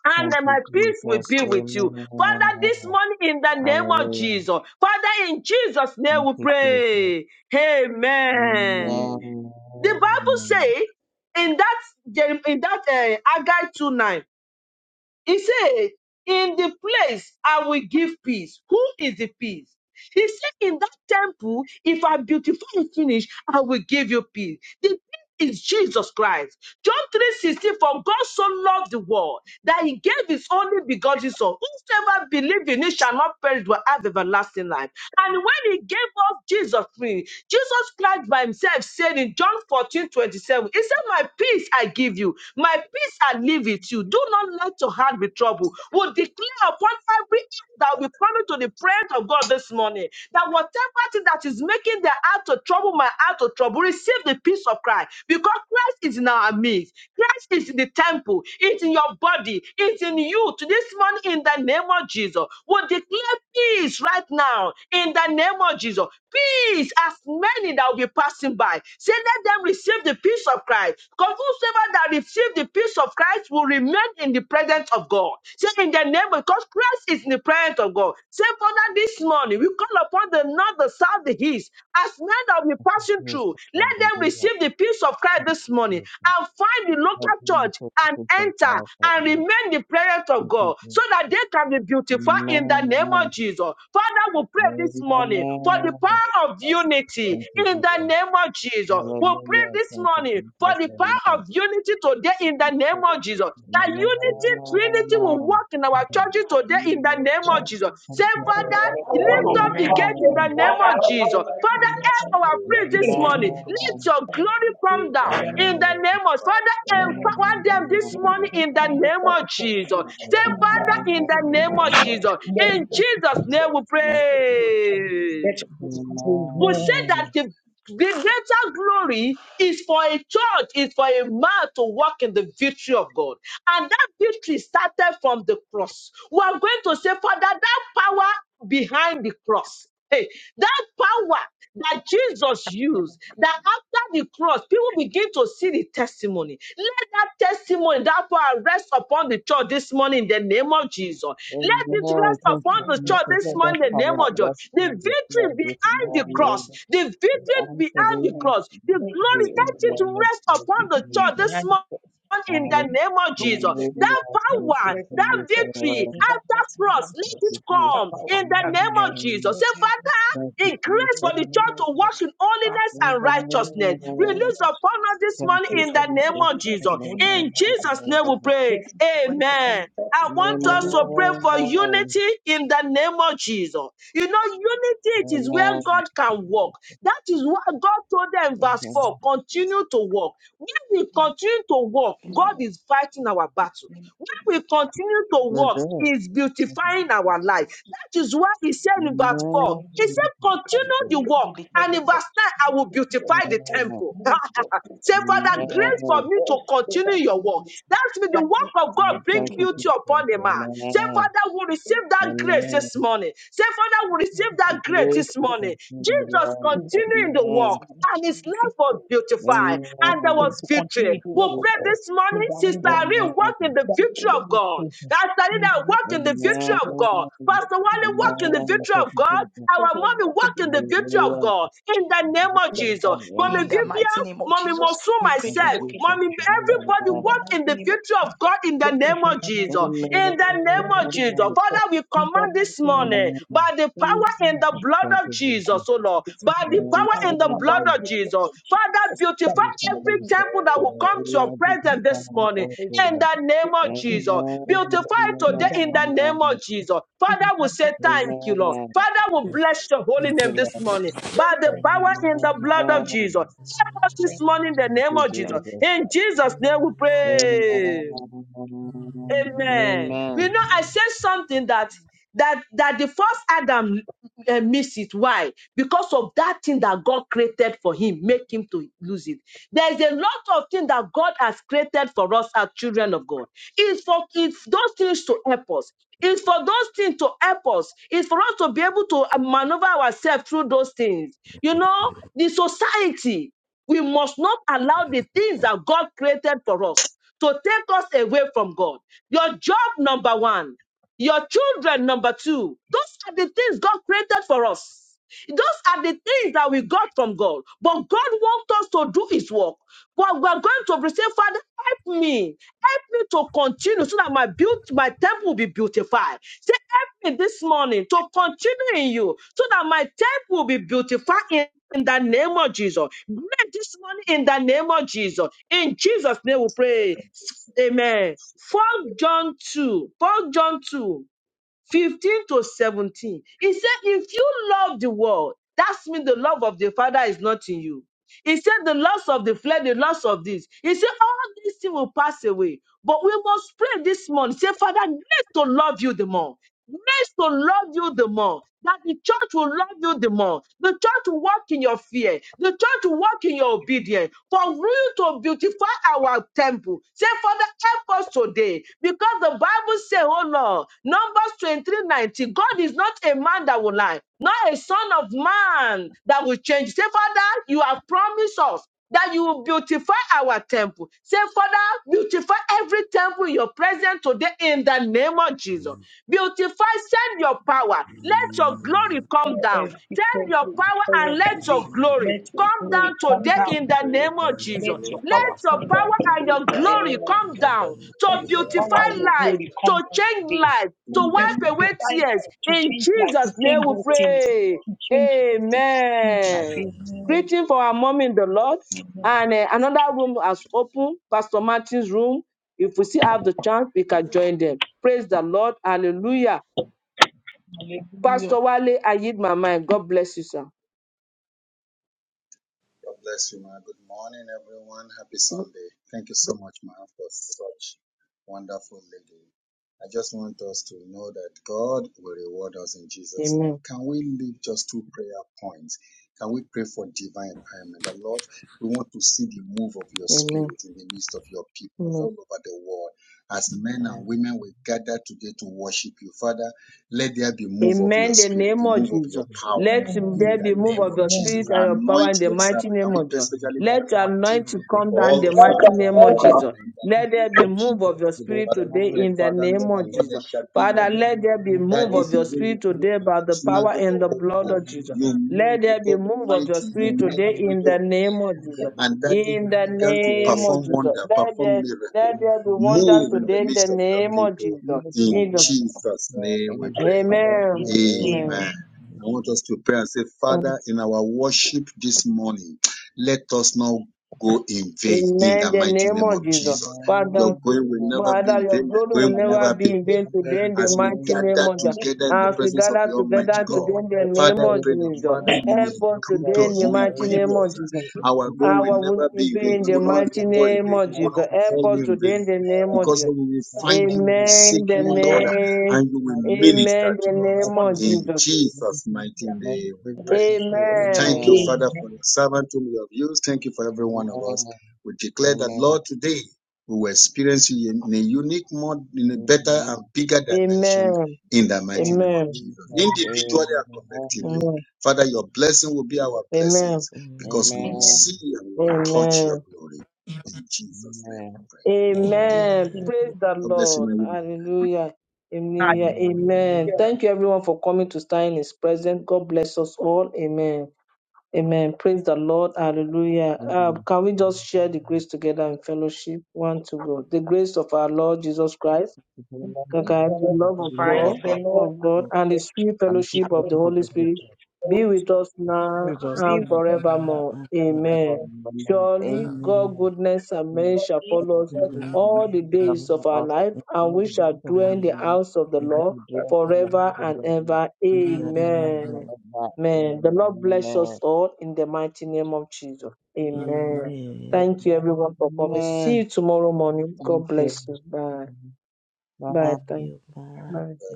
[SPEAKER 1] and
[SPEAKER 2] Thank
[SPEAKER 1] then
[SPEAKER 2] you,
[SPEAKER 1] my peace will
[SPEAKER 2] Jesus.
[SPEAKER 1] be with you.
[SPEAKER 2] Amen.
[SPEAKER 1] Father, this morning in the name of
[SPEAKER 2] Hallelujah.
[SPEAKER 1] Jesus. Father, in Jesus' name
[SPEAKER 2] Thank
[SPEAKER 1] we
[SPEAKER 2] you, Jesus.
[SPEAKER 1] pray. Amen. The Bible
[SPEAKER 2] Amen.
[SPEAKER 1] say in that Jer- in that uh, Haggai two nine, it say, "In the place I will give peace." Who is the peace? He said, In that temple, if I beautify and finish, I will give you peace. The peace is Jesus Christ. John 3:16, for God so loved the world that he gave his only begotten son. Whosoever believes in him shall not perish but have everlasting life. And when he gave us Jesus free, Jesus Christ by himself said in John 14:27, He said, My peace I give you, my peace I leave with you. Do not let your heart be troubled. We declare declare upon every that will be coming to the presence of God this morning that whatever thing that is making their heart to trouble, my heart to trouble, receive the peace of Christ because Christ is in our midst. Christ is in the temple. It's in your body. It's in you. To this morning, in the name of Jesus, we declare peace right now in the name of Jesus. Peace as many that will be passing by. Say, let them receive the peace of Christ. Because whosoever that receive the peace bodies of Christ will remain in the presence of God. Say in the name, because Christ is in the presence of God. Say, Father, this morning we call upon the north, the south, the east, as men that will be passing
[SPEAKER 2] Yes,
[SPEAKER 1] through. Let them
[SPEAKER 2] hallelujah.
[SPEAKER 1] receive the peace of Christ this morning
[SPEAKER 2] Yes.
[SPEAKER 1] and find the
[SPEAKER 2] Help
[SPEAKER 1] local
[SPEAKER 2] me to
[SPEAKER 1] church
[SPEAKER 2] take the
[SPEAKER 1] and
[SPEAKER 2] good things
[SPEAKER 1] enter
[SPEAKER 2] out of
[SPEAKER 1] and
[SPEAKER 2] God.
[SPEAKER 1] remain in the presence of
[SPEAKER 2] Thank you,
[SPEAKER 1] God so
[SPEAKER 2] Jesus.
[SPEAKER 1] that they can be beautified in the name
[SPEAKER 2] Amen.
[SPEAKER 1] of Jesus. Father, we pray this morning for the
[SPEAKER 2] Amen.
[SPEAKER 1] power of unity
[SPEAKER 2] Thank you,
[SPEAKER 1] in the
[SPEAKER 2] Jesus.
[SPEAKER 1] name of Jesus. We pray
[SPEAKER 2] Hallelujah.
[SPEAKER 1] this
[SPEAKER 2] Thank you,
[SPEAKER 1] morning for
[SPEAKER 2] Jesus.
[SPEAKER 1] the power
[SPEAKER 2] Amen.
[SPEAKER 1] of unity today in the name of Jesus. That unity, Trinity will
[SPEAKER 2] Amen.
[SPEAKER 1] work in our churches today in the name of Jesus.
[SPEAKER 3] Jesus,
[SPEAKER 1] Say,
[SPEAKER 2] Thank
[SPEAKER 3] thank
[SPEAKER 2] you,
[SPEAKER 1] Father,
[SPEAKER 2] Jesus.
[SPEAKER 1] lift up the gate in the
[SPEAKER 2] Amen. Amen.
[SPEAKER 1] name of Jesus. Father,
[SPEAKER 3] you,
[SPEAKER 1] help our prayer this morning.
[SPEAKER 3] Lord.
[SPEAKER 1] Let
[SPEAKER 2] Amen.
[SPEAKER 1] your glory
[SPEAKER 3] We pray
[SPEAKER 1] come
[SPEAKER 3] that
[SPEAKER 1] down in the
[SPEAKER 3] Lord
[SPEAKER 1] name
[SPEAKER 3] and
[SPEAKER 1] of
[SPEAKER 3] Father,
[SPEAKER 1] Father. Empower them
[SPEAKER 3] you
[SPEAKER 1] this
[SPEAKER 3] lead
[SPEAKER 1] morning in the
[SPEAKER 3] him
[SPEAKER 1] name of
[SPEAKER 3] of
[SPEAKER 4] In the
[SPEAKER 1] Jesus.
[SPEAKER 3] your
[SPEAKER 4] mighty
[SPEAKER 2] Amen.
[SPEAKER 1] Say,
[SPEAKER 3] choice,
[SPEAKER 4] name
[SPEAKER 1] Father, in the
[SPEAKER 3] Father,
[SPEAKER 4] of
[SPEAKER 1] name
[SPEAKER 4] Jesus,
[SPEAKER 1] of
[SPEAKER 2] Amen.
[SPEAKER 3] to
[SPEAKER 4] let
[SPEAKER 1] Jesus.
[SPEAKER 3] do
[SPEAKER 1] In
[SPEAKER 3] lift
[SPEAKER 4] the
[SPEAKER 3] up your
[SPEAKER 1] Jesus' name we
[SPEAKER 3] choice,
[SPEAKER 2] Thank
[SPEAKER 3] lift
[SPEAKER 4] grace
[SPEAKER 3] up
[SPEAKER 4] of
[SPEAKER 2] you.
[SPEAKER 3] your
[SPEAKER 4] Lord come.
[SPEAKER 3] choice
[SPEAKER 1] pray.
[SPEAKER 4] Let your
[SPEAKER 2] Jesus.
[SPEAKER 4] glory
[SPEAKER 3] in the
[SPEAKER 4] come.
[SPEAKER 3] name
[SPEAKER 1] We
[SPEAKER 3] of
[SPEAKER 2] Amen.
[SPEAKER 1] said
[SPEAKER 4] Amen.
[SPEAKER 1] that
[SPEAKER 3] Jesus.
[SPEAKER 1] the, the greater glory is for a church, is for a man to walk in the victory of God. And that victory started from the cross. We are going to say, Father, that power behind the cross. Hey, that power that Jesus used, that after the cross, people begin to see the testimony. Let that testimony, that power rest upon the church this morning in the name of Jesus. Let
[SPEAKER 4] Let
[SPEAKER 1] it
[SPEAKER 4] the
[SPEAKER 2] Amen.
[SPEAKER 1] rest
[SPEAKER 2] Thank
[SPEAKER 1] upon
[SPEAKER 2] you,
[SPEAKER 4] personal
[SPEAKER 1] the
[SPEAKER 4] grace
[SPEAKER 1] church
[SPEAKER 2] Jesus.
[SPEAKER 1] this
[SPEAKER 4] upon
[SPEAKER 2] Let
[SPEAKER 4] the
[SPEAKER 2] that
[SPEAKER 1] morning in
[SPEAKER 4] church
[SPEAKER 1] the name
[SPEAKER 4] this
[SPEAKER 2] power
[SPEAKER 1] of Jesus.
[SPEAKER 4] morning.
[SPEAKER 2] rest
[SPEAKER 1] The
[SPEAKER 2] on the
[SPEAKER 1] victory
[SPEAKER 2] throne this
[SPEAKER 4] In the
[SPEAKER 1] behind the
[SPEAKER 4] name of
[SPEAKER 2] morning.
[SPEAKER 1] cross,
[SPEAKER 4] Jesus.
[SPEAKER 1] the
[SPEAKER 2] We
[SPEAKER 1] victory
[SPEAKER 2] answer
[SPEAKER 4] This
[SPEAKER 1] behind
[SPEAKER 2] the
[SPEAKER 1] the
[SPEAKER 4] morning,
[SPEAKER 1] cross, the
[SPEAKER 4] Let this
[SPEAKER 1] glory,
[SPEAKER 2] victory
[SPEAKER 4] grace
[SPEAKER 2] in
[SPEAKER 1] let it
[SPEAKER 4] upon
[SPEAKER 2] your
[SPEAKER 4] the church.
[SPEAKER 1] rest
[SPEAKER 2] next Thank
[SPEAKER 1] upon
[SPEAKER 4] The
[SPEAKER 2] you,
[SPEAKER 1] the
[SPEAKER 4] victory
[SPEAKER 1] church
[SPEAKER 2] Jesus.
[SPEAKER 1] this
[SPEAKER 4] behind the
[SPEAKER 1] morning
[SPEAKER 4] cross.
[SPEAKER 1] in
[SPEAKER 4] The
[SPEAKER 1] the name of Jesus.
[SPEAKER 4] glory of
[SPEAKER 1] That
[SPEAKER 2] Hallelujah.
[SPEAKER 4] let
[SPEAKER 2] Thank
[SPEAKER 4] it
[SPEAKER 1] power,
[SPEAKER 4] rest
[SPEAKER 2] you,
[SPEAKER 4] upon the
[SPEAKER 1] that
[SPEAKER 4] church.
[SPEAKER 1] victory
[SPEAKER 2] Jesus.
[SPEAKER 4] In the
[SPEAKER 1] after
[SPEAKER 4] mighty name of
[SPEAKER 1] trust,
[SPEAKER 2] Thank
[SPEAKER 1] let
[SPEAKER 4] Jesus.
[SPEAKER 1] it
[SPEAKER 2] you, Jesus.
[SPEAKER 4] That
[SPEAKER 1] come
[SPEAKER 4] power,
[SPEAKER 1] in the
[SPEAKER 4] that
[SPEAKER 1] name of
[SPEAKER 4] victory.
[SPEAKER 2] Amen.
[SPEAKER 1] Jesus.
[SPEAKER 4] Let
[SPEAKER 1] Say,
[SPEAKER 4] it rest upon the
[SPEAKER 2] Thank you,
[SPEAKER 1] Father,
[SPEAKER 4] church.
[SPEAKER 1] increase
[SPEAKER 4] In
[SPEAKER 1] for
[SPEAKER 2] Jesus.
[SPEAKER 4] the
[SPEAKER 1] the
[SPEAKER 4] name
[SPEAKER 1] church
[SPEAKER 4] of
[SPEAKER 1] to
[SPEAKER 4] Jesus.
[SPEAKER 1] walk in holiness
[SPEAKER 4] Father,
[SPEAKER 1] and
[SPEAKER 4] in the
[SPEAKER 1] righteousness.
[SPEAKER 4] mighty
[SPEAKER 3] Lord,
[SPEAKER 4] name
[SPEAKER 2] Amen.
[SPEAKER 1] Release
[SPEAKER 4] of Jesus.
[SPEAKER 1] upon
[SPEAKER 3] Father,
[SPEAKER 1] us
[SPEAKER 3] speak
[SPEAKER 1] this
[SPEAKER 4] the
[SPEAKER 2] Thank
[SPEAKER 1] morning
[SPEAKER 4] place
[SPEAKER 2] you,
[SPEAKER 3] the
[SPEAKER 1] in
[SPEAKER 4] for the
[SPEAKER 1] the
[SPEAKER 4] church
[SPEAKER 1] name
[SPEAKER 2] Jesus.
[SPEAKER 1] of
[SPEAKER 4] to walk
[SPEAKER 1] Jesus.
[SPEAKER 4] in
[SPEAKER 2] Amen.
[SPEAKER 4] holiness and
[SPEAKER 1] In
[SPEAKER 4] righteousness.
[SPEAKER 1] Jesus' name we pray.
[SPEAKER 4] That is where the Holy
[SPEAKER 1] Amen.
[SPEAKER 4] Church
[SPEAKER 1] I
[SPEAKER 4] is the
[SPEAKER 1] want
[SPEAKER 4] name of the
[SPEAKER 1] us to pray
[SPEAKER 4] Amen.
[SPEAKER 1] for
[SPEAKER 2] Amen.
[SPEAKER 1] unity in the name of Jesus. You know, unity
[SPEAKER 2] Amen.
[SPEAKER 1] it is
[SPEAKER 2] Amen.
[SPEAKER 1] where
[SPEAKER 2] Amen. Thank
[SPEAKER 1] God
[SPEAKER 2] you,
[SPEAKER 1] can work.
[SPEAKER 2] Jesus.
[SPEAKER 1] That is what God told them, verse
[SPEAKER 4] Yes.
[SPEAKER 1] 4 continue to work. When we
[SPEAKER 4] Amen.
[SPEAKER 1] continue to work, God
[SPEAKER 4] Amen.
[SPEAKER 1] is fighting our battle.
[SPEAKER 4] In the mighty name of
[SPEAKER 1] When we continue to work
[SPEAKER 2] Amen.
[SPEAKER 1] is
[SPEAKER 4] Jesus.
[SPEAKER 2] Thank
[SPEAKER 4] In
[SPEAKER 1] beautifying our life.
[SPEAKER 4] name of
[SPEAKER 1] That
[SPEAKER 4] Jesus.
[SPEAKER 1] is why he said in verse 4, he said,
[SPEAKER 2] you,
[SPEAKER 4] I be
[SPEAKER 1] Continue
[SPEAKER 2] Jesus.
[SPEAKER 1] the
[SPEAKER 4] unity
[SPEAKER 1] work.
[SPEAKER 4] in the church
[SPEAKER 1] And
[SPEAKER 4] of
[SPEAKER 1] in
[SPEAKER 4] God,
[SPEAKER 1] verse 9, I will
[SPEAKER 4] unity of
[SPEAKER 1] beautify the
[SPEAKER 4] purpose,
[SPEAKER 2] Amen.
[SPEAKER 1] temple.
[SPEAKER 4] unity of
[SPEAKER 1] Say,
[SPEAKER 4] purpose.
[SPEAKER 1] Father,
[SPEAKER 4] In the eyes
[SPEAKER 1] grace
[SPEAKER 4] of
[SPEAKER 2] Amen.
[SPEAKER 1] for me
[SPEAKER 4] God,
[SPEAKER 1] to
[SPEAKER 4] let
[SPEAKER 1] continue
[SPEAKER 4] that
[SPEAKER 1] your
[SPEAKER 4] be
[SPEAKER 1] work.
[SPEAKER 4] unity.
[SPEAKER 1] That's when the
[SPEAKER 4] That
[SPEAKER 1] work of
[SPEAKER 4] unity,
[SPEAKER 1] God
[SPEAKER 4] that
[SPEAKER 1] bring
[SPEAKER 2] Thank you,
[SPEAKER 1] beauty
[SPEAKER 4] unity.
[SPEAKER 2] Jesus.
[SPEAKER 1] upon
[SPEAKER 4] In the
[SPEAKER 1] a
[SPEAKER 4] name
[SPEAKER 1] man.
[SPEAKER 4] of
[SPEAKER 1] Say,
[SPEAKER 2] Amen.
[SPEAKER 1] Father, we receive that
[SPEAKER 4] Jesus.
[SPEAKER 1] grace
[SPEAKER 2] Amen.
[SPEAKER 1] this morning. Say, Father, we
[SPEAKER 4] We
[SPEAKER 1] receive that
[SPEAKER 4] receive
[SPEAKER 2] The
[SPEAKER 4] the
[SPEAKER 1] grace
[SPEAKER 4] grace
[SPEAKER 2] grace
[SPEAKER 1] this
[SPEAKER 2] to
[SPEAKER 4] this
[SPEAKER 1] morning.
[SPEAKER 2] continue,
[SPEAKER 4] morning.
[SPEAKER 1] Jesus
[SPEAKER 2] Lord.
[SPEAKER 4] We receive
[SPEAKER 1] continuing the
[SPEAKER 4] peace this
[SPEAKER 1] work
[SPEAKER 2] Amen.
[SPEAKER 4] morning.
[SPEAKER 1] and
[SPEAKER 4] We
[SPEAKER 1] his life
[SPEAKER 4] receive the
[SPEAKER 1] was
[SPEAKER 4] receive
[SPEAKER 1] beautified
[SPEAKER 4] the
[SPEAKER 1] and there
[SPEAKER 2] Amen.
[SPEAKER 1] was
[SPEAKER 4] to
[SPEAKER 1] victory.
[SPEAKER 4] continue
[SPEAKER 2] Thank
[SPEAKER 4] the
[SPEAKER 2] you,
[SPEAKER 4] work
[SPEAKER 1] We
[SPEAKER 4] of
[SPEAKER 1] pray
[SPEAKER 2] Jesus.
[SPEAKER 4] God
[SPEAKER 1] this
[SPEAKER 4] in
[SPEAKER 1] morning,
[SPEAKER 4] the name
[SPEAKER 1] Sister
[SPEAKER 4] of
[SPEAKER 1] Irene,
[SPEAKER 2] Amen.
[SPEAKER 4] Jesus.
[SPEAKER 1] walk in the
[SPEAKER 4] That the
[SPEAKER 1] victory
[SPEAKER 4] Lord
[SPEAKER 1] of
[SPEAKER 4] will
[SPEAKER 1] God.
[SPEAKER 4] save me.
[SPEAKER 1] Pastor
[SPEAKER 4] In the
[SPEAKER 1] Nina,
[SPEAKER 4] name
[SPEAKER 1] walk
[SPEAKER 4] of
[SPEAKER 1] in the
[SPEAKER 4] Jesus,
[SPEAKER 1] victory
[SPEAKER 2] Amen.
[SPEAKER 1] of
[SPEAKER 4] walk
[SPEAKER 1] God.
[SPEAKER 4] in
[SPEAKER 1] Pastor Wally,
[SPEAKER 4] the
[SPEAKER 1] walk in
[SPEAKER 4] victory
[SPEAKER 1] the
[SPEAKER 4] of
[SPEAKER 2] Amen.
[SPEAKER 4] God.
[SPEAKER 1] victory
[SPEAKER 2] Thank
[SPEAKER 1] of
[SPEAKER 2] you,
[SPEAKER 4] That
[SPEAKER 1] God.
[SPEAKER 4] the
[SPEAKER 2] Jesus.
[SPEAKER 4] faith
[SPEAKER 1] Our
[SPEAKER 4] will
[SPEAKER 1] mommy,
[SPEAKER 4] walk in
[SPEAKER 1] walk
[SPEAKER 4] the
[SPEAKER 1] in the
[SPEAKER 4] victory
[SPEAKER 1] victory of
[SPEAKER 2] Hallelujah.
[SPEAKER 1] God. In
[SPEAKER 2] Amen.
[SPEAKER 1] the name of
[SPEAKER 4] of
[SPEAKER 1] Jesus.
[SPEAKER 4] God.
[SPEAKER 1] Mommy
[SPEAKER 4] In the
[SPEAKER 1] Vivian,
[SPEAKER 4] mighty name of
[SPEAKER 1] Mommy
[SPEAKER 4] Jesus,
[SPEAKER 1] Mosu,
[SPEAKER 4] we pray
[SPEAKER 2] Thank
[SPEAKER 4] to
[SPEAKER 2] you,
[SPEAKER 1] myself,
[SPEAKER 4] walk in the
[SPEAKER 2] Jesus.
[SPEAKER 1] Mommy,
[SPEAKER 4] victory of God.
[SPEAKER 1] everybody
[SPEAKER 4] In the
[SPEAKER 1] walk in
[SPEAKER 4] mighty
[SPEAKER 1] the
[SPEAKER 4] name of
[SPEAKER 1] victory of
[SPEAKER 4] Jesus,
[SPEAKER 1] God in the
[SPEAKER 4] let the
[SPEAKER 1] name
[SPEAKER 4] in
[SPEAKER 1] of
[SPEAKER 4] the mighty
[SPEAKER 1] Jesus.
[SPEAKER 4] name of
[SPEAKER 2] Amen.
[SPEAKER 1] In
[SPEAKER 4] Jesus
[SPEAKER 1] the name
[SPEAKER 4] walk in
[SPEAKER 1] of
[SPEAKER 4] the
[SPEAKER 1] Jesus.
[SPEAKER 4] victory
[SPEAKER 2] Amen.
[SPEAKER 4] of
[SPEAKER 1] Father,
[SPEAKER 4] God.
[SPEAKER 1] we
[SPEAKER 4] In the
[SPEAKER 1] command this
[SPEAKER 4] mighty name of
[SPEAKER 1] morning
[SPEAKER 2] Amen.
[SPEAKER 4] Jesus.
[SPEAKER 1] by the power power in the
[SPEAKER 4] Amen
[SPEAKER 2] Thank
[SPEAKER 1] blood of
[SPEAKER 2] you,
[SPEAKER 1] Jesus,
[SPEAKER 2] Jesus.
[SPEAKER 1] oh Lord,
[SPEAKER 4] this
[SPEAKER 1] by the
[SPEAKER 4] morning by
[SPEAKER 1] power
[SPEAKER 4] the
[SPEAKER 1] in the
[SPEAKER 4] power
[SPEAKER 1] blood
[SPEAKER 4] in
[SPEAKER 2] Amen.
[SPEAKER 1] of
[SPEAKER 4] the
[SPEAKER 3] Lord
[SPEAKER 1] Jesus.
[SPEAKER 4] name of
[SPEAKER 3] Jesus.
[SPEAKER 1] Father,
[SPEAKER 4] Jesus, by
[SPEAKER 1] beautify
[SPEAKER 4] the
[SPEAKER 2] Thank you,
[SPEAKER 4] power
[SPEAKER 1] every
[SPEAKER 4] in
[SPEAKER 2] Jesus.
[SPEAKER 1] temple
[SPEAKER 4] the
[SPEAKER 1] that
[SPEAKER 4] blood of
[SPEAKER 1] will come to
[SPEAKER 3] Lord,
[SPEAKER 4] Jesus,
[SPEAKER 1] your
[SPEAKER 2] Hallelujah. This is
[SPEAKER 1] presence
[SPEAKER 4] we
[SPEAKER 1] this
[SPEAKER 2] our
[SPEAKER 4] provide
[SPEAKER 1] morning
[SPEAKER 4] everything
[SPEAKER 1] in
[SPEAKER 2] offer.
[SPEAKER 1] the name
[SPEAKER 4] for
[SPEAKER 1] of
[SPEAKER 4] us in
[SPEAKER 2] Amen.
[SPEAKER 4] the
[SPEAKER 1] Jesus.
[SPEAKER 4] name-
[SPEAKER 1] Beautify today
[SPEAKER 4] in the
[SPEAKER 1] in
[SPEAKER 4] mighty
[SPEAKER 1] the name
[SPEAKER 4] name
[SPEAKER 2] Amen.
[SPEAKER 1] of
[SPEAKER 4] of Jesus.
[SPEAKER 1] Jesus. Father,
[SPEAKER 4] In the
[SPEAKER 1] we say
[SPEAKER 4] name of
[SPEAKER 2] Thank you,
[SPEAKER 1] thank you, Lord.
[SPEAKER 3] we
[SPEAKER 4] Jesus,
[SPEAKER 3] thank you
[SPEAKER 1] Father, we
[SPEAKER 4] we
[SPEAKER 1] bless your
[SPEAKER 5] Thank
[SPEAKER 1] holy
[SPEAKER 5] you,
[SPEAKER 3] for
[SPEAKER 1] name
[SPEAKER 3] your
[SPEAKER 1] this
[SPEAKER 2] Lord.
[SPEAKER 4] thank you,
[SPEAKER 1] morning by the
[SPEAKER 5] Lord God, in
[SPEAKER 4] thank
[SPEAKER 5] the
[SPEAKER 1] power
[SPEAKER 5] name of
[SPEAKER 1] in
[SPEAKER 4] you,
[SPEAKER 1] the
[SPEAKER 5] God.
[SPEAKER 1] blood of
[SPEAKER 4] thank you,
[SPEAKER 2] Amen.
[SPEAKER 1] Jesus. Help us this
[SPEAKER 4] thank
[SPEAKER 1] morning in the
[SPEAKER 4] you,
[SPEAKER 2] Thank
[SPEAKER 1] name
[SPEAKER 2] you,
[SPEAKER 1] of Jesus.
[SPEAKER 4] thank
[SPEAKER 2] Jesus.
[SPEAKER 4] you,
[SPEAKER 1] In
[SPEAKER 4] God.
[SPEAKER 1] Jesus' name we
[SPEAKER 4] Amen.
[SPEAKER 2] Amen.
[SPEAKER 1] pray.
[SPEAKER 4] Amen.
[SPEAKER 1] Amen. We
[SPEAKER 2] Amen.
[SPEAKER 1] know I said something that that that the first Adam uh, missed it. Why? Because of that thing that God created for him, make him to lose it. There is a lot of things that God has created for us as children of God. It's for it's those things to help us. It's for those things to help us. It's for us to be able to uh, maneuver ourselves through those things. You know, the society. We must not allow the things that God created for us to take us away from God. Your job, number one. Your children, number two. Those are the things God created for us. Those are the things that we got from God. But God wants us to do His work. But we're going to be saying, Father, help me. Help me to continue so that my beaut, my temple will be beautified. Say, help me this morning to continue in you so that my temple will be beautified in in the name of Jesus. Break this morning in the name of Jesus. In Jesus' name we pray. Amen.
[SPEAKER 3] mercy,
[SPEAKER 1] 4 John 2, 4 John 2, 15 to 17. He said, If you love the world, that means the love of the Father is not in you. He said, The loss of the flesh, the loss of this. He said, All these things will pass away. But we must pray this morning. Say, Father, need to love you the more. Grace to love you the more, that the church will love you the more. The church will walk in your fear. The church will walk in your obedience. For you to beautify our temple. Say, Father, help us today. Because the Bible says, oh Lord, Numbers 23 nineteen, God is not a man that will lie, not a son of man that will change. Say, Father, you have promised us that you will beautify our temple. Say, Father, beautify every temple in your presence today in the name of Jesus. Beautify, send your power. Let your glory come
[SPEAKER 4] Let
[SPEAKER 1] down.
[SPEAKER 4] Every
[SPEAKER 1] Send your
[SPEAKER 4] temple,
[SPEAKER 1] power and
[SPEAKER 4] parents
[SPEAKER 1] let
[SPEAKER 4] today,
[SPEAKER 1] your glory
[SPEAKER 4] let your
[SPEAKER 1] come down
[SPEAKER 4] glory come
[SPEAKER 3] Father,
[SPEAKER 1] today
[SPEAKER 3] we
[SPEAKER 1] in
[SPEAKER 4] down
[SPEAKER 1] the
[SPEAKER 3] pray that
[SPEAKER 4] today.
[SPEAKER 1] name of
[SPEAKER 3] Lord, your
[SPEAKER 1] Jesus.
[SPEAKER 4] Let your
[SPEAKER 3] glory
[SPEAKER 1] Let
[SPEAKER 4] power
[SPEAKER 3] comes
[SPEAKER 1] your
[SPEAKER 4] come
[SPEAKER 3] down.
[SPEAKER 4] down
[SPEAKER 1] power and
[SPEAKER 4] today
[SPEAKER 3] We
[SPEAKER 4] in
[SPEAKER 1] your
[SPEAKER 3] pray,
[SPEAKER 4] the
[SPEAKER 1] glory
[SPEAKER 4] name
[SPEAKER 3] Father, you
[SPEAKER 4] of Jesus.
[SPEAKER 3] give
[SPEAKER 1] come
[SPEAKER 3] us
[SPEAKER 1] down
[SPEAKER 3] like the
[SPEAKER 1] to
[SPEAKER 4] That is
[SPEAKER 3] power
[SPEAKER 4] why
[SPEAKER 3] to
[SPEAKER 1] beautify
[SPEAKER 4] why your
[SPEAKER 1] life,
[SPEAKER 4] glory comes
[SPEAKER 1] to
[SPEAKER 3] church,
[SPEAKER 4] out
[SPEAKER 1] change
[SPEAKER 4] today
[SPEAKER 1] life, to
[SPEAKER 4] to
[SPEAKER 3] In the
[SPEAKER 4] beautify
[SPEAKER 1] wipe away
[SPEAKER 3] mighty
[SPEAKER 1] tears.
[SPEAKER 4] life, to
[SPEAKER 1] In
[SPEAKER 4] change life, to
[SPEAKER 1] Jesus'
[SPEAKER 4] change
[SPEAKER 1] name we
[SPEAKER 3] service of
[SPEAKER 4] destiny,
[SPEAKER 1] pray.
[SPEAKER 3] teamwork,
[SPEAKER 4] to change destiny,
[SPEAKER 3] we
[SPEAKER 4] to
[SPEAKER 3] shall
[SPEAKER 4] change life.
[SPEAKER 3] give
[SPEAKER 1] Amen.
[SPEAKER 3] to your
[SPEAKER 4] Amen.
[SPEAKER 1] Greeting
[SPEAKER 3] glory.
[SPEAKER 1] for our mom in the Lord.
[SPEAKER 3] ever
[SPEAKER 4] Amen.
[SPEAKER 1] And uh,
[SPEAKER 3] forever.
[SPEAKER 1] another room has opened, Pastor Martin's room. If we still have the chance, we can join them. Praise the Lord. Hallelujah.
[SPEAKER 4] Hallelujah.
[SPEAKER 1] Pastor Wale, I yield my mind. God bless you, sir.
[SPEAKER 3] God bless you, ma. Good morning, everyone. Happy Sunday. Thank you so much, ma, for such wonderful lady. I just want us to know that God will reward us in Jesus' name.
[SPEAKER 1] Amen.
[SPEAKER 3] Can we leave just two prayer points? Can we pray for divine empowerment? That Lord, we want to see the move of your
[SPEAKER 1] Amen.
[SPEAKER 3] spirit in the midst of your people all over the world. As men and
[SPEAKER 2] Amen.
[SPEAKER 3] women we gather today to worship you, Father, let there be move of your
[SPEAKER 1] Amen. The
[SPEAKER 3] spirit,
[SPEAKER 1] name
[SPEAKER 3] the
[SPEAKER 1] of
[SPEAKER 5] We
[SPEAKER 3] move of your
[SPEAKER 1] Jesus.
[SPEAKER 3] power
[SPEAKER 1] Let
[SPEAKER 4] Amen.
[SPEAKER 3] in
[SPEAKER 1] there
[SPEAKER 5] thank
[SPEAKER 3] the
[SPEAKER 1] be
[SPEAKER 5] you for the
[SPEAKER 1] move
[SPEAKER 3] name
[SPEAKER 5] name
[SPEAKER 1] of
[SPEAKER 3] of
[SPEAKER 1] your
[SPEAKER 4] Amen.
[SPEAKER 3] Jesus.
[SPEAKER 1] spirit and your power
[SPEAKER 3] Anoint
[SPEAKER 1] in the
[SPEAKER 3] your
[SPEAKER 1] mighty
[SPEAKER 3] servant. I
[SPEAKER 1] name
[SPEAKER 3] want
[SPEAKER 1] of
[SPEAKER 3] to
[SPEAKER 1] Jesus.
[SPEAKER 3] especially for
[SPEAKER 1] Let your
[SPEAKER 3] anointing
[SPEAKER 1] anointing come
[SPEAKER 3] for
[SPEAKER 1] down in
[SPEAKER 3] all
[SPEAKER 1] the
[SPEAKER 3] the
[SPEAKER 1] mighty
[SPEAKER 3] servants of the
[SPEAKER 1] name of
[SPEAKER 4] Amen.
[SPEAKER 3] Lord
[SPEAKER 1] Jesus.
[SPEAKER 3] in the
[SPEAKER 5] of
[SPEAKER 1] Let
[SPEAKER 3] name
[SPEAKER 1] there be
[SPEAKER 3] of
[SPEAKER 1] move of
[SPEAKER 3] Jesus.
[SPEAKER 1] your spirit
[SPEAKER 3] Father, we
[SPEAKER 1] today
[SPEAKER 3] pray,
[SPEAKER 1] in the
[SPEAKER 3] Father, Lord,
[SPEAKER 1] name
[SPEAKER 3] and
[SPEAKER 1] of
[SPEAKER 3] Lord, there
[SPEAKER 1] Jesus.
[SPEAKER 3] shall be your
[SPEAKER 1] Father,
[SPEAKER 3] move.
[SPEAKER 1] let
[SPEAKER 5] God,
[SPEAKER 1] there be
[SPEAKER 5] in the
[SPEAKER 1] move
[SPEAKER 3] Daddy,
[SPEAKER 1] of
[SPEAKER 3] the
[SPEAKER 1] your
[SPEAKER 3] way you
[SPEAKER 1] spirit
[SPEAKER 3] move
[SPEAKER 1] today
[SPEAKER 3] in
[SPEAKER 1] by
[SPEAKER 3] the
[SPEAKER 1] the power
[SPEAKER 3] synagogue
[SPEAKER 1] and
[SPEAKER 3] of
[SPEAKER 1] the
[SPEAKER 3] old,
[SPEAKER 1] blood of Jesus.
[SPEAKER 3] you move,
[SPEAKER 1] Let there be
[SPEAKER 3] God
[SPEAKER 1] move of
[SPEAKER 5] name
[SPEAKER 1] your
[SPEAKER 3] Almighty, you
[SPEAKER 1] spirit
[SPEAKER 3] made the
[SPEAKER 1] today in
[SPEAKER 3] widow
[SPEAKER 1] the
[SPEAKER 3] of
[SPEAKER 1] name
[SPEAKER 3] man.
[SPEAKER 1] of Jesus.
[SPEAKER 3] And Daddy,
[SPEAKER 1] In
[SPEAKER 3] you
[SPEAKER 1] the
[SPEAKER 3] began to
[SPEAKER 1] name of
[SPEAKER 3] perform
[SPEAKER 1] Jesus.
[SPEAKER 3] wonder,
[SPEAKER 2] Amen.
[SPEAKER 1] Let
[SPEAKER 3] perform
[SPEAKER 1] there, let
[SPEAKER 3] miracle.
[SPEAKER 1] there be wonder
[SPEAKER 3] Move in the
[SPEAKER 1] today in the
[SPEAKER 3] midst of your
[SPEAKER 1] name of
[SPEAKER 3] people.
[SPEAKER 1] Jesus.
[SPEAKER 3] In
[SPEAKER 1] In the,
[SPEAKER 3] Jesus' name we pray.
[SPEAKER 1] amen.
[SPEAKER 4] Amen.
[SPEAKER 1] Amen.
[SPEAKER 3] Amen. I want us to pray and say,
[SPEAKER 1] Father.
[SPEAKER 3] Father, in our worship this morning, let us not go in vain in
[SPEAKER 1] Amen.
[SPEAKER 3] the
[SPEAKER 1] The
[SPEAKER 3] mighty
[SPEAKER 1] name
[SPEAKER 3] name
[SPEAKER 1] of
[SPEAKER 3] of
[SPEAKER 1] Jesus.
[SPEAKER 3] Jesus. Your
[SPEAKER 1] Father,
[SPEAKER 3] going will never be
[SPEAKER 1] Father,
[SPEAKER 3] in
[SPEAKER 1] your
[SPEAKER 3] vain, my
[SPEAKER 1] glory will
[SPEAKER 4] Father,
[SPEAKER 3] going will
[SPEAKER 1] never
[SPEAKER 3] never
[SPEAKER 1] be
[SPEAKER 3] be in
[SPEAKER 1] in vain
[SPEAKER 3] vain.
[SPEAKER 2] Lord,
[SPEAKER 1] today
[SPEAKER 2] in
[SPEAKER 1] in the
[SPEAKER 3] As we
[SPEAKER 2] vain,
[SPEAKER 1] mighty
[SPEAKER 2] and I
[SPEAKER 1] name
[SPEAKER 3] gather
[SPEAKER 1] of
[SPEAKER 2] watch
[SPEAKER 1] Jesus.
[SPEAKER 2] to
[SPEAKER 4] let my
[SPEAKER 2] be
[SPEAKER 3] together in the
[SPEAKER 1] As we
[SPEAKER 2] feeling
[SPEAKER 3] presence of
[SPEAKER 1] gather
[SPEAKER 3] the
[SPEAKER 2] like a
[SPEAKER 3] Almighty
[SPEAKER 1] together
[SPEAKER 3] God,
[SPEAKER 1] today
[SPEAKER 2] devil
[SPEAKER 1] in the
[SPEAKER 2] in
[SPEAKER 3] Father,
[SPEAKER 1] name
[SPEAKER 3] I
[SPEAKER 1] of
[SPEAKER 3] pray
[SPEAKER 2] vain,
[SPEAKER 3] that
[SPEAKER 1] Jesus.
[SPEAKER 3] Father,
[SPEAKER 2] Lord.
[SPEAKER 3] you
[SPEAKER 4] worship
[SPEAKER 3] will
[SPEAKER 1] Help
[SPEAKER 2] You
[SPEAKER 1] us
[SPEAKER 2] see that
[SPEAKER 3] equip
[SPEAKER 1] today
[SPEAKER 2] we
[SPEAKER 1] in
[SPEAKER 3] us,
[SPEAKER 1] the
[SPEAKER 3] you
[SPEAKER 2] done
[SPEAKER 3] will
[SPEAKER 2] our
[SPEAKER 1] mighty
[SPEAKER 2] every
[SPEAKER 4] never
[SPEAKER 3] equip
[SPEAKER 1] name of
[SPEAKER 3] us.
[SPEAKER 1] Jesus.
[SPEAKER 2] liberty in
[SPEAKER 3] Our going
[SPEAKER 4] be
[SPEAKER 2] Jesus'
[SPEAKER 3] will
[SPEAKER 1] Our
[SPEAKER 4] done.
[SPEAKER 2] name.
[SPEAKER 1] will
[SPEAKER 3] never be in
[SPEAKER 1] be
[SPEAKER 3] vain.
[SPEAKER 2] Take
[SPEAKER 1] in
[SPEAKER 3] We
[SPEAKER 2] to
[SPEAKER 1] the
[SPEAKER 3] will not
[SPEAKER 2] all
[SPEAKER 1] mighty
[SPEAKER 2] from the
[SPEAKER 3] labor in
[SPEAKER 2] kingdom
[SPEAKER 1] name
[SPEAKER 3] vain.
[SPEAKER 2] of
[SPEAKER 1] of
[SPEAKER 3] We
[SPEAKER 2] my
[SPEAKER 3] will
[SPEAKER 1] Jesus.
[SPEAKER 2] God
[SPEAKER 3] not
[SPEAKER 1] Help
[SPEAKER 3] call
[SPEAKER 2] in
[SPEAKER 1] us
[SPEAKER 3] you in
[SPEAKER 1] today
[SPEAKER 3] vain.
[SPEAKER 2] vain,
[SPEAKER 1] in the name of
[SPEAKER 2] Lord.
[SPEAKER 3] Because
[SPEAKER 1] Jesus.
[SPEAKER 3] we will
[SPEAKER 2] Not
[SPEAKER 3] find you, we will
[SPEAKER 2] something we have
[SPEAKER 1] Amen.
[SPEAKER 3] seek
[SPEAKER 1] The
[SPEAKER 3] you, Lord,
[SPEAKER 2] sacrificed,
[SPEAKER 1] name.
[SPEAKER 3] and you will
[SPEAKER 2] not something we
[SPEAKER 1] Amen.
[SPEAKER 3] minister
[SPEAKER 1] The
[SPEAKER 2] see
[SPEAKER 3] to us.
[SPEAKER 2] that
[SPEAKER 1] name
[SPEAKER 4] One
[SPEAKER 2] we
[SPEAKER 1] of
[SPEAKER 4] will
[SPEAKER 2] want.
[SPEAKER 4] never
[SPEAKER 3] In
[SPEAKER 1] Jesus.
[SPEAKER 3] Jesus'
[SPEAKER 2] Everything
[SPEAKER 3] mighty
[SPEAKER 4] be done.
[SPEAKER 2] for us,
[SPEAKER 3] name we
[SPEAKER 4] In
[SPEAKER 2] the
[SPEAKER 4] the name of
[SPEAKER 2] grace of
[SPEAKER 3] pray.
[SPEAKER 2] God.
[SPEAKER 4] Jesus.
[SPEAKER 5] of
[SPEAKER 3] Thank
[SPEAKER 1] Amen.
[SPEAKER 3] you,
[SPEAKER 2] Amen.
[SPEAKER 3] Father, for
[SPEAKER 4] Amen.
[SPEAKER 3] your servant whom you have used. Thank you for every one of us.
[SPEAKER 2] Amen.
[SPEAKER 3] We declare that,
[SPEAKER 2] Amen.
[SPEAKER 3] Lord, today we will experience you in a unique mode, in a better
[SPEAKER 2] Amen.
[SPEAKER 3] and bigger dimension
[SPEAKER 1] Amen.
[SPEAKER 3] in the mighty
[SPEAKER 2] Thank
[SPEAKER 3] name of
[SPEAKER 1] Amen.
[SPEAKER 2] you,
[SPEAKER 3] Jesus,
[SPEAKER 2] Jesus.
[SPEAKER 5] God.
[SPEAKER 3] individually and collectively.
[SPEAKER 2] Amen.
[SPEAKER 1] Amen.
[SPEAKER 3] Father, your blessing will be our
[SPEAKER 1] Amen.
[SPEAKER 3] blessings
[SPEAKER 5] Amen. Amen.
[SPEAKER 3] because we will
[SPEAKER 4] Amen.
[SPEAKER 2] Amen.
[SPEAKER 3] see and we will touch
[SPEAKER 1] Amen.
[SPEAKER 3] your glory.
[SPEAKER 5] Amen.
[SPEAKER 3] In Jesus' name
[SPEAKER 2] Amen.
[SPEAKER 3] we pray.
[SPEAKER 2] Amen.
[SPEAKER 1] Amen. Praise
[SPEAKER 4] Amen.
[SPEAKER 1] the
[SPEAKER 3] God bless you,
[SPEAKER 1] Lord.
[SPEAKER 3] man.
[SPEAKER 1] Hallelujah. Hallelujah.
[SPEAKER 2] Amen.
[SPEAKER 5] Hallelujah.
[SPEAKER 1] Amen.
[SPEAKER 4] Hallelujah.
[SPEAKER 1] Thank you everyone for coming to stand in his presence. God bless us all. Amen. Amen. Praise the Lord. Hallelujah. Uh,
[SPEAKER 2] Amen.
[SPEAKER 1] can we just
[SPEAKER 2] Amen.
[SPEAKER 1] share the
[SPEAKER 2] Amen.
[SPEAKER 1] grace together in fellowship? One to go. The grace of our Lord Jesus Christ.
[SPEAKER 2] To the Lord Jesus
[SPEAKER 1] God, the
[SPEAKER 4] Amen.
[SPEAKER 2] Christ,
[SPEAKER 1] love
[SPEAKER 5] The
[SPEAKER 1] of
[SPEAKER 2] the
[SPEAKER 5] Lord
[SPEAKER 2] love
[SPEAKER 4] Praise
[SPEAKER 2] of
[SPEAKER 1] God,
[SPEAKER 4] the Lord Jesus Christ, the
[SPEAKER 2] God,
[SPEAKER 4] Lord,
[SPEAKER 1] of God,
[SPEAKER 5] will
[SPEAKER 1] and the sweet
[SPEAKER 2] and the sweet
[SPEAKER 4] and
[SPEAKER 1] fellowship of
[SPEAKER 4] the
[SPEAKER 1] the
[SPEAKER 2] fellowship of
[SPEAKER 4] Son
[SPEAKER 1] Holy
[SPEAKER 2] the Holy
[SPEAKER 1] Spirit
[SPEAKER 2] Spirit.
[SPEAKER 4] of
[SPEAKER 1] be
[SPEAKER 4] God.
[SPEAKER 1] with us
[SPEAKER 2] Here
[SPEAKER 1] now
[SPEAKER 2] is us now
[SPEAKER 4] We will
[SPEAKER 1] and
[SPEAKER 4] not
[SPEAKER 5] grant
[SPEAKER 4] now
[SPEAKER 1] forevermore.
[SPEAKER 5] us the
[SPEAKER 2] and
[SPEAKER 1] Amen.
[SPEAKER 4] and
[SPEAKER 2] forevermore.
[SPEAKER 1] Surely
[SPEAKER 5] Amen.
[SPEAKER 1] God,
[SPEAKER 2] Amen.
[SPEAKER 1] goodness and
[SPEAKER 2] Amen.
[SPEAKER 1] mercy shall
[SPEAKER 5] The
[SPEAKER 2] The
[SPEAKER 1] follow us
[SPEAKER 4] forevermore.
[SPEAKER 2] goodness
[SPEAKER 5] Lord
[SPEAKER 2] and
[SPEAKER 5] will
[SPEAKER 1] all
[SPEAKER 5] grant us
[SPEAKER 1] the
[SPEAKER 2] mercy
[SPEAKER 5] the
[SPEAKER 2] shall
[SPEAKER 1] days
[SPEAKER 5] grace
[SPEAKER 1] of our
[SPEAKER 2] follow us
[SPEAKER 1] life, and
[SPEAKER 2] all
[SPEAKER 1] we
[SPEAKER 2] the days
[SPEAKER 1] shall
[SPEAKER 2] of our
[SPEAKER 1] dwell in the
[SPEAKER 2] life.
[SPEAKER 1] house of the
[SPEAKER 5] to do
[SPEAKER 2] We
[SPEAKER 5] the
[SPEAKER 1] Lord
[SPEAKER 2] shall dwell in the
[SPEAKER 1] forever
[SPEAKER 2] house of
[SPEAKER 1] and
[SPEAKER 2] the Lord
[SPEAKER 1] ever.
[SPEAKER 5] Lord.
[SPEAKER 2] forever
[SPEAKER 1] Amen. Amen. The Lord
[SPEAKER 2] and
[SPEAKER 1] bless us
[SPEAKER 2] ever.
[SPEAKER 1] all in the mighty name of Jesus. Amen.
[SPEAKER 5] Amen.
[SPEAKER 1] Thank you
[SPEAKER 2] Amen.
[SPEAKER 1] everyone for coming.
[SPEAKER 5] Amen.
[SPEAKER 1] See you
[SPEAKER 2] Amen.
[SPEAKER 1] tomorrow morning.
[SPEAKER 2] Thank
[SPEAKER 1] God
[SPEAKER 2] you.
[SPEAKER 1] bless you. Bye.
[SPEAKER 2] Bye.
[SPEAKER 1] Bye.
[SPEAKER 5] Thank
[SPEAKER 1] Thank
[SPEAKER 5] you,
[SPEAKER 1] Bye.
[SPEAKER 5] Father.